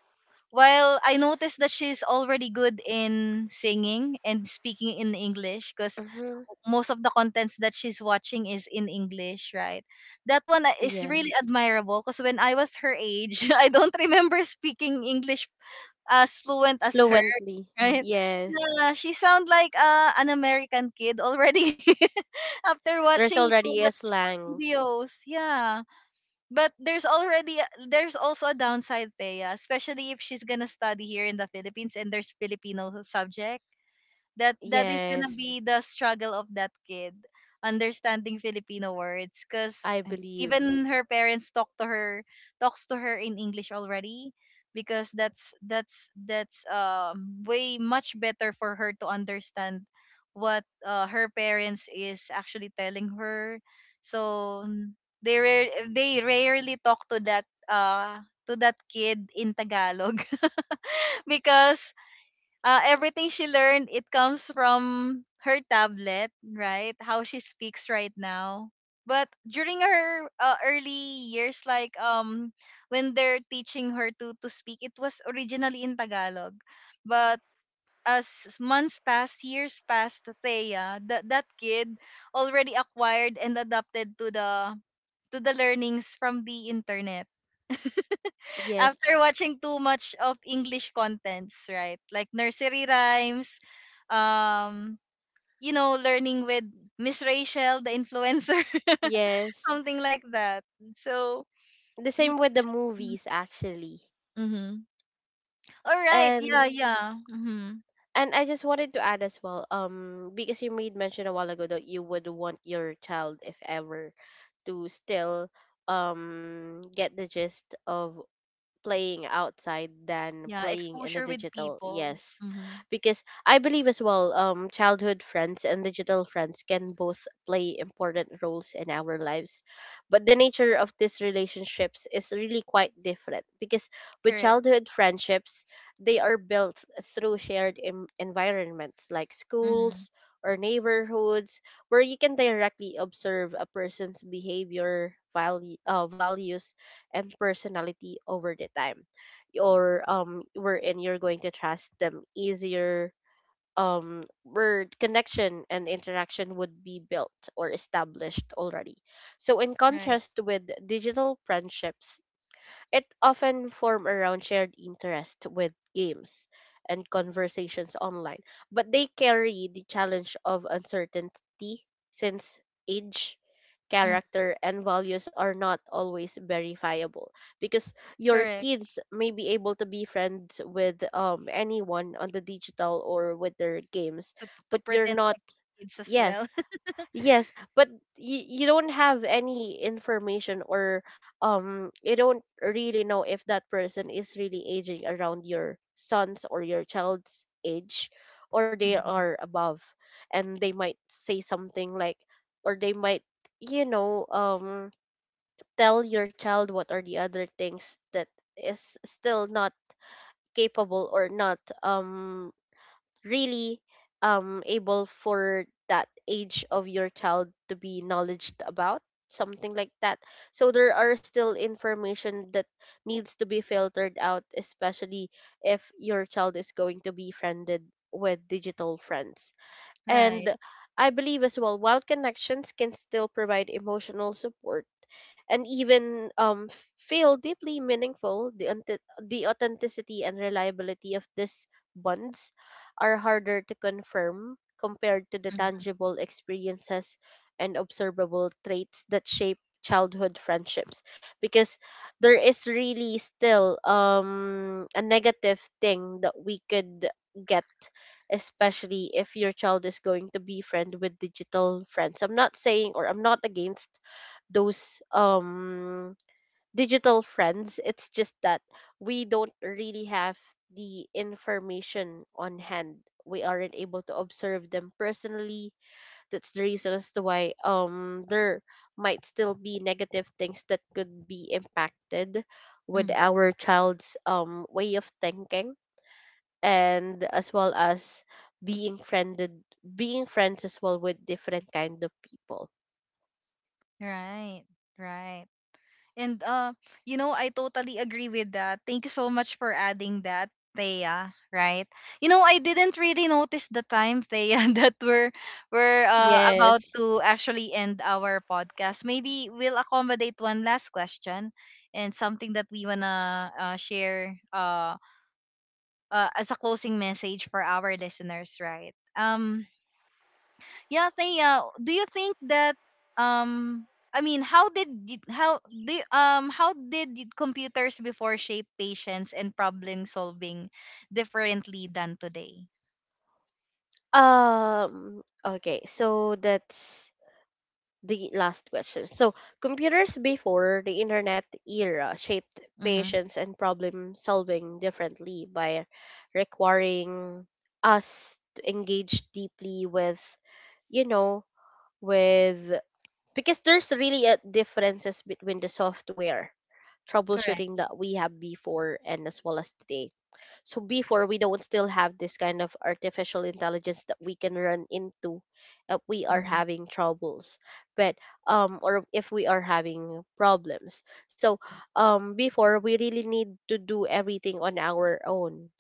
Speaker 1: While I noticed that she's already good in singing and speaking in English, because
Speaker 2: Mm-hmm.
Speaker 1: most of the contents that she's watching is in English, right? That one is
Speaker 2: Yes.
Speaker 1: really admirable, because when I was her age, *laughs* I don't remember speaking English as fluent as her,
Speaker 2: Fluently.
Speaker 1: right?
Speaker 2: Yes.
Speaker 1: Yeah, she sound like an American kid already *laughs* after
Speaker 2: There's
Speaker 1: watching too
Speaker 2: already a
Speaker 1: much
Speaker 2: slang.
Speaker 1: videos. Yeah. But there's already, there's also a downside, Thea, especially if she's gonna study here in the Philippines and there's Filipino subject. That is gonna
Speaker 2: Yes,
Speaker 1: be the struggle of that kid, understanding Filipino words, because
Speaker 2: I believe.
Speaker 1: even her parents talks to her in English already, because that's way much better for her to understand what her parents is actually telling her. So they rare, they rarely talk uh to that kid in Tagalog, *laughs* because everything she learned, it comes from her tablet, right? How she speaks right now. But during her early years, like when they're teaching her to speak, it was originally in Tagalog. But as months passed, years passed, Thea, that that kid already acquired and adapted to the learnings from the internet
Speaker 2: Yes.
Speaker 1: after watching too much of English contents, right? Like nursery rhymes, um, you know, learning with Miss Rachel, the influencer, *laughs*
Speaker 2: Yes,
Speaker 1: something like that. So,
Speaker 2: the
Speaker 1: y-
Speaker 2: same with the movies actually.
Speaker 1: mhm. all right, yeah,
Speaker 2: and
Speaker 1: yeah, hmm.
Speaker 2: and I just wanted to add as well, because you made mention a while ago that you would want your child, if ever, to still, get the gist of playing outside than
Speaker 1: Yeah,
Speaker 2: playing in the
Speaker 1: exposure with
Speaker 2: digital.
Speaker 1: people,
Speaker 2: Yes.
Speaker 1: hmm.
Speaker 2: Because I believe as well, childhood friends and digital friends can both play important roles in our lives, but the nature of these relationships is really quite different. Because with
Speaker 1: Correct,
Speaker 2: childhood friendships, they are built through shared environments like
Speaker 1: hmm.
Speaker 2: schools or neighborhoods, where you can directly observe a person's behavior value, values and personality over the time, or, wherein you're going to trust them easier, where connection and interaction would be built or established already. So in
Speaker 1: Right,
Speaker 2: contrast with digital friendships, it often form around shared interest with games and conversations online, but they carry the challenge of uncertainty, since age,
Speaker 1: mm.
Speaker 2: character, and values are not always verifiable. Because your
Speaker 1: Correct.
Speaker 2: kids may be able to be friends with, anyone on the digital or with their games,
Speaker 1: To
Speaker 2: but you're
Speaker 1: pretend
Speaker 2: not.
Speaker 1: like kids as
Speaker 2: Yes.
Speaker 1: well, *laughs*
Speaker 2: Yes, but you don't have any information, or, you don't really know if that person is really aging around your son's or your child's age, or they
Speaker 1: Mhm.
Speaker 2: are above. And they might say something like, or they might, you know, tell your child what are the other things that is still not capable, or not, really, able for that age of your child to be knowledged about, something like that. So there are still information that needs to be filtered out, especially if your child is going to be friended with digital friends.
Speaker 1: Right,
Speaker 2: And I believe as well, while connections can still provide emotional support and even, feel deeply meaningful, the authenticity and reliability of these bonds are harder to confirm compared to the tangible experiences and observable traits that shape childhood friendships. Because there is really still, a negative thing that we could get, especially if your child is going to be friend with digital friends. I'm not saying, or I'm not against those, digital friends. It's just that we don't really have the information on hand, we aren't able to observe them personally. That's the reason as to why, there might still be negative things that could be impacted with
Speaker 1: hmm.
Speaker 2: our child's, way of thinking. And as well as being friended being friends as well with different kind of people.
Speaker 1: Right, right. And you know, I totally agree with that. Thank you so much for adding that, Thea. Right? You know, I didn't really notice the time, Thea, *laughs* that we're about
Speaker 2: Yes.
Speaker 1: to actually end our podcast. Maybe we'll accommodate one last question and something that we wanna share as a closing message for our listeners, right? Yeah, say Thea, do you think that um I mean, how did y- how do how computers before shape patience and problem solving differently than today?
Speaker 2: Okay, so that's the last question. So, computers before the internet era shaped
Speaker 1: Mhm.
Speaker 2: patience and problem solving differently by requiring us to engage deeply with, you know, with, because there's really a differences between the software
Speaker 1: Correct.
Speaker 2: troubleshooting that we have before and as well as today. So before we don't still have this kind of artificial intelligence that we can run into if we are
Speaker 1: Mhm.
Speaker 2: having troubles, but, or if we are having problems. So, before we really need to do everything on our own,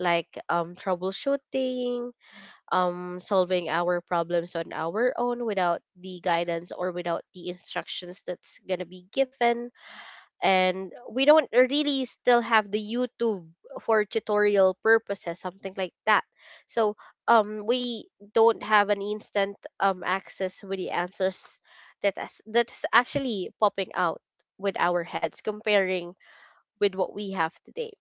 Speaker 2: like, troubleshooting, solving our problems on our own without the guidance or without the instructions that's going to be given. And we don't really still have the YouTube for tutorial purposes, something like that. So, we don't have an instant, access with the answers that is, that's actually popping out with our heads, comparing with what we have today,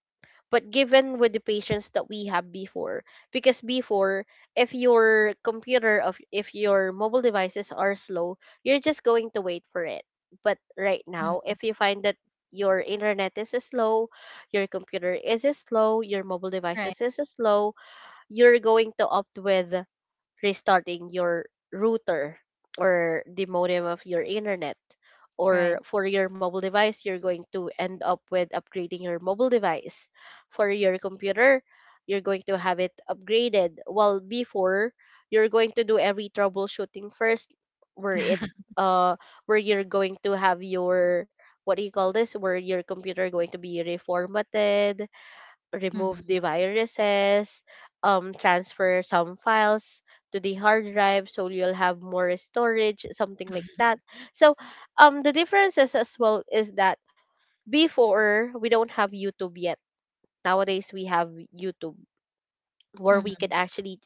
Speaker 2: but given with the patience that we have before. Because before, if your computer of, if your mobile devices are slow, you're just going to wait for it. But right now,
Speaker 1: Mhm.
Speaker 2: if you find that your internet is slow, your computer is slow, your mobile
Speaker 1: Right.
Speaker 2: devices is slow, you're going to opt with restarting your router or the modem of your internet.
Speaker 1: Right.
Speaker 2: Or for your mobile device, you're going to end up with upgrading your mobile device. For your computer, you're going to have it upgraded. While before, you're going to do every troubleshooting first, where it,
Speaker 1: *laughs*
Speaker 2: uh where you're going to have your, what do you call this? Where your computer going to be reformatted, remove the
Speaker 1: Mhm.
Speaker 2: viruses, transfer some files to the hard drive so you'll have more storage, something like that. So, the differences as well is that before we don't have YouTube yet. Nowadays we have YouTube where we
Speaker 1: Mhm.
Speaker 2: could actually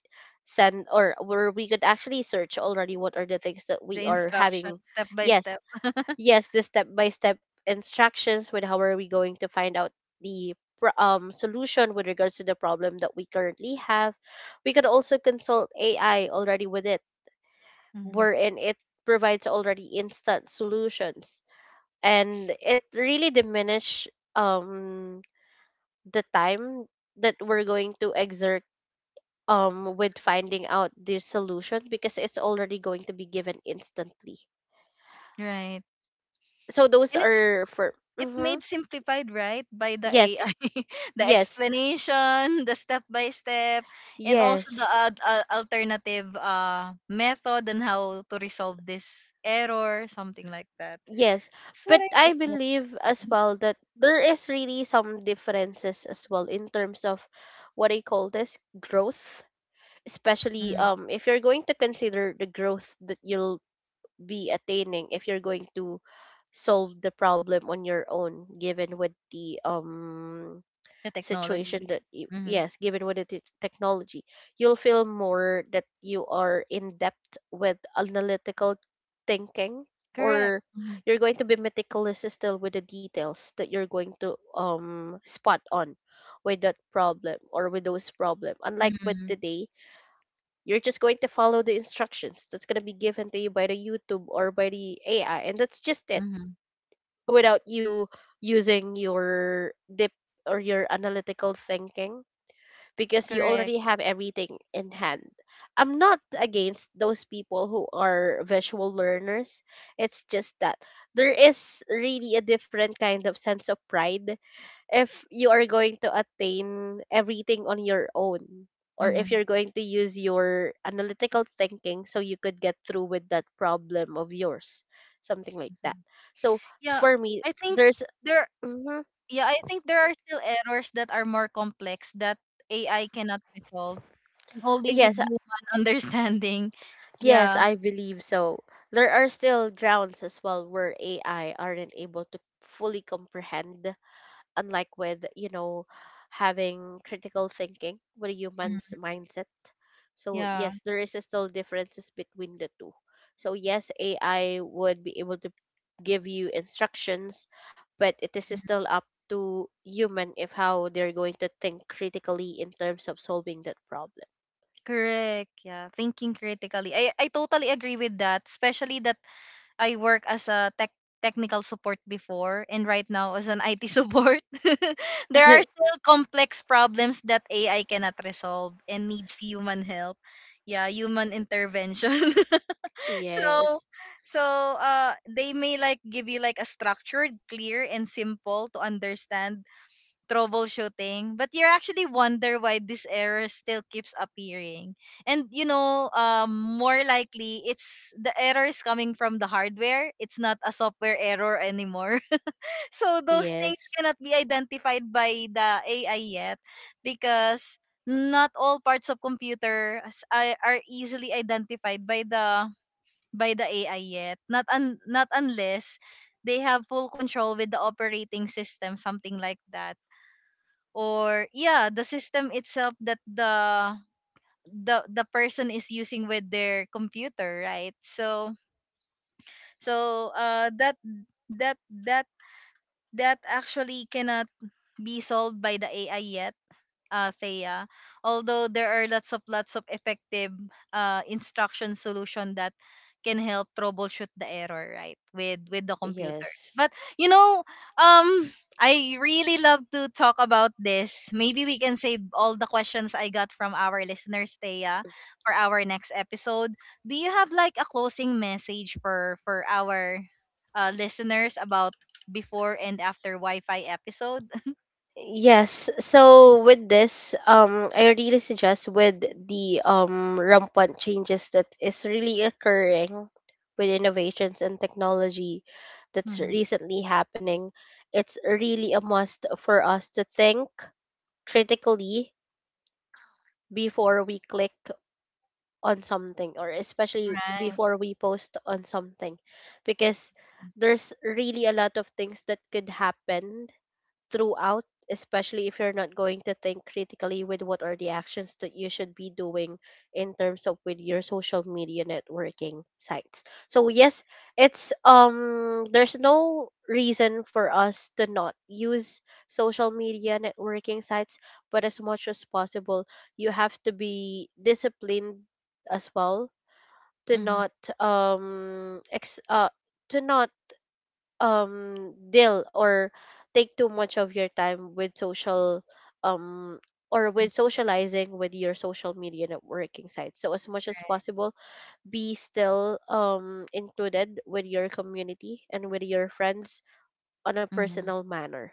Speaker 2: send, or where we could actually search already what are the things that
Speaker 1: The
Speaker 2: we are
Speaker 1: instructions
Speaker 2: having.
Speaker 1: step by
Speaker 2: Yes,
Speaker 1: step. *laughs*
Speaker 2: yes, the step by step instructions with how are we going to find out the solution with regards to the problem that we currently have. We could also consult AI already with it,
Speaker 1: Mhm.
Speaker 2: wherein it provides already instant solutions, and it really diminish, um the time that we're going to exert, with finding out the solution because it's already going to be given instantly.
Speaker 1: Right.
Speaker 2: So those
Speaker 1: And it's,
Speaker 2: are for.
Speaker 1: it
Speaker 2: Mhm.
Speaker 1: made simplified right by the
Speaker 2: Yes.
Speaker 1: AI, *laughs* the
Speaker 2: Yes.
Speaker 1: explanation, the step by step, and also the
Speaker 2: Yes,
Speaker 1: alternative method and how to resolve this error, something like that.
Speaker 2: yes.
Speaker 1: That's
Speaker 2: But
Speaker 1: what I
Speaker 2: I
Speaker 1: just know.
Speaker 2: believe as well that there is really some differences as well in terms of what I call this growth, especially,
Speaker 1: mm,
Speaker 2: if you're going to consider the growth that you'll be attaining if you're going to solve the problem on your own, given with the,
Speaker 1: the technology.
Speaker 2: situation that you,
Speaker 1: Mm-hmm.
Speaker 2: yes, given with the technology, you'll feel more that you are in depth with analytical thinking,
Speaker 1: Correct.
Speaker 2: or
Speaker 1: Mm-hmm.
Speaker 2: you're going to be meticulous still with the details that you're going to, spot on with that problem or with those problem, unlike with
Speaker 1: Mm-hmm.
Speaker 2: today, you're just going to follow the instructions that's going to be given to you by the YouTube or by the AI, and that's just it,
Speaker 1: Mm-hmm.
Speaker 2: without you using your deep or your analytical thinking because you
Speaker 1: Correct.
Speaker 2: already have everything in hand. I'm not against those people who are visual learners. It's just that there is really a different kind of sense of pride if you are going to attain everything on your own, or
Speaker 1: Mm-hmm.
Speaker 2: if you're going to use your analytical thinking so you could get through with that problem of yours, something like that.
Speaker 1: Mm-hmm.
Speaker 2: So
Speaker 1: yeah
Speaker 2: for me
Speaker 1: I think
Speaker 2: there's.
Speaker 1: there
Speaker 2: Mhm.
Speaker 1: yeah, I think there are still errors that are more complex that AI cannot resolve, and only with
Speaker 2: Yes.
Speaker 1: human *laughs* understanding.
Speaker 2: Yes,
Speaker 1: Yeah.
Speaker 2: I believe so. There are still grounds as well where AI aren't able to fully comprehend, unlike with, you know, having critical thinking with a human's
Speaker 1: Mhm.
Speaker 2: mindset. So,
Speaker 1: Yeah,
Speaker 2: yes, there is still differences between the two. So, yes, AI would be able to give you instructions, but it is still up to human if how they're going to think critically in terms of solving that problem.
Speaker 1: correct. Yeah, thinking critically. I totally agree with that, especially that I work as a technical support before and right now as an IT support. *laughs* There are
Speaker 2: *laughs*
Speaker 1: still complex problems that AI cannot resolve and needs human help. Yeah, human intervention. *laughs* So,
Speaker 2: Yes.
Speaker 1: so they may like give you like a structured, clear and simple to understand troubleshooting, but you actually wonder why this error still keeps appearing. And you know, more likely it's, the error is coming from the hardware. It's not a software error anymore. *laughs* So those things
Speaker 2: Yes.
Speaker 1: cannot be identified by the AI yet, because not all parts of computer are easily identified by the AI yet. Not un, not unless they have full control with the operating system, something like that. Or yeah, the system itself that the person is using with their computer, right? So that that that that actually cannot be solved by the AI yet, Thea. Although there are lots of effective instruction solution that can help troubleshoot the error, right, with the computers.
Speaker 2: Yes.
Speaker 1: But you know, um, I really love to talk about this. Maybe we can save all the questions I got from our listeners, Thea, for our next episode. Do you have like a closing message for our listeners about before and after Wi-Fi episode? *laughs*
Speaker 2: Yes. So with this, I really suggest with the, rampant changes that is really occurring with innovations and technology that's
Speaker 1: Mhm.
Speaker 2: recently happening, it's really a must for us to think critically before we click on something, or especially
Speaker 1: Right.
Speaker 2: before we post on something. Because there's really a lot of things that could happen throughout, especially if you're not going to think critically with what are the actions that you should be doing in terms of with your social media networking sites. So yes, it's, there's no reason for us to not use social media networking sites, but as much as possible, you have to be disciplined as well to not, um ex- uh to not, deal, or take too much of your time with social, um or with socializing with your social media networking sites. So as much as possible, be still, included with your community and with your friends on a
Speaker 1: Mm-hmm.
Speaker 2: personal manner.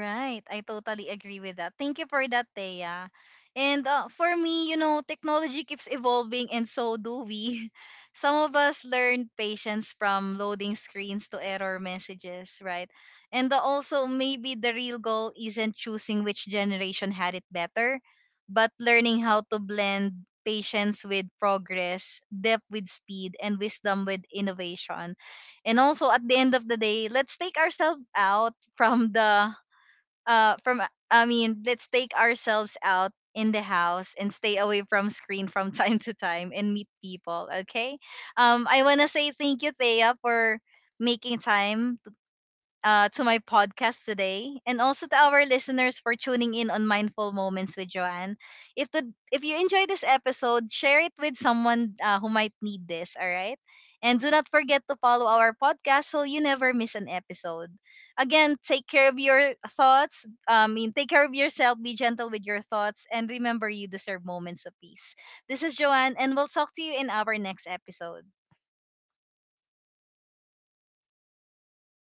Speaker 1: Right. I totally agree with that. Thank you for that, Thea. And for me, you know, technology keeps evolving and so do we. *laughs* Some of us learn patience from loading screens to error messages, right? And also, maybe the real goal isn't choosing which generation had it better, but learning how to blend patience with progress, depth with speed, and wisdom with innovation. And also, at the end of the day, let's take ourselves out from the uh from let's take ourselves out in the house and stay away from screen from *laughs* time to time and meet people, okay? I want to say thank you, Thea, for making time to my podcast today, and also to our listeners for tuning in on Mindful Moments with Joanne. If the if you enjoy this episode, share it with someone who might need this. All right, and do not forget to follow our podcast so you never miss an episode. Again, take care of your take care of yourself. Be gentle with your thoughts, and remember, you deserve moments of peace. This is Joanne, and we'll talk to you in our next episode.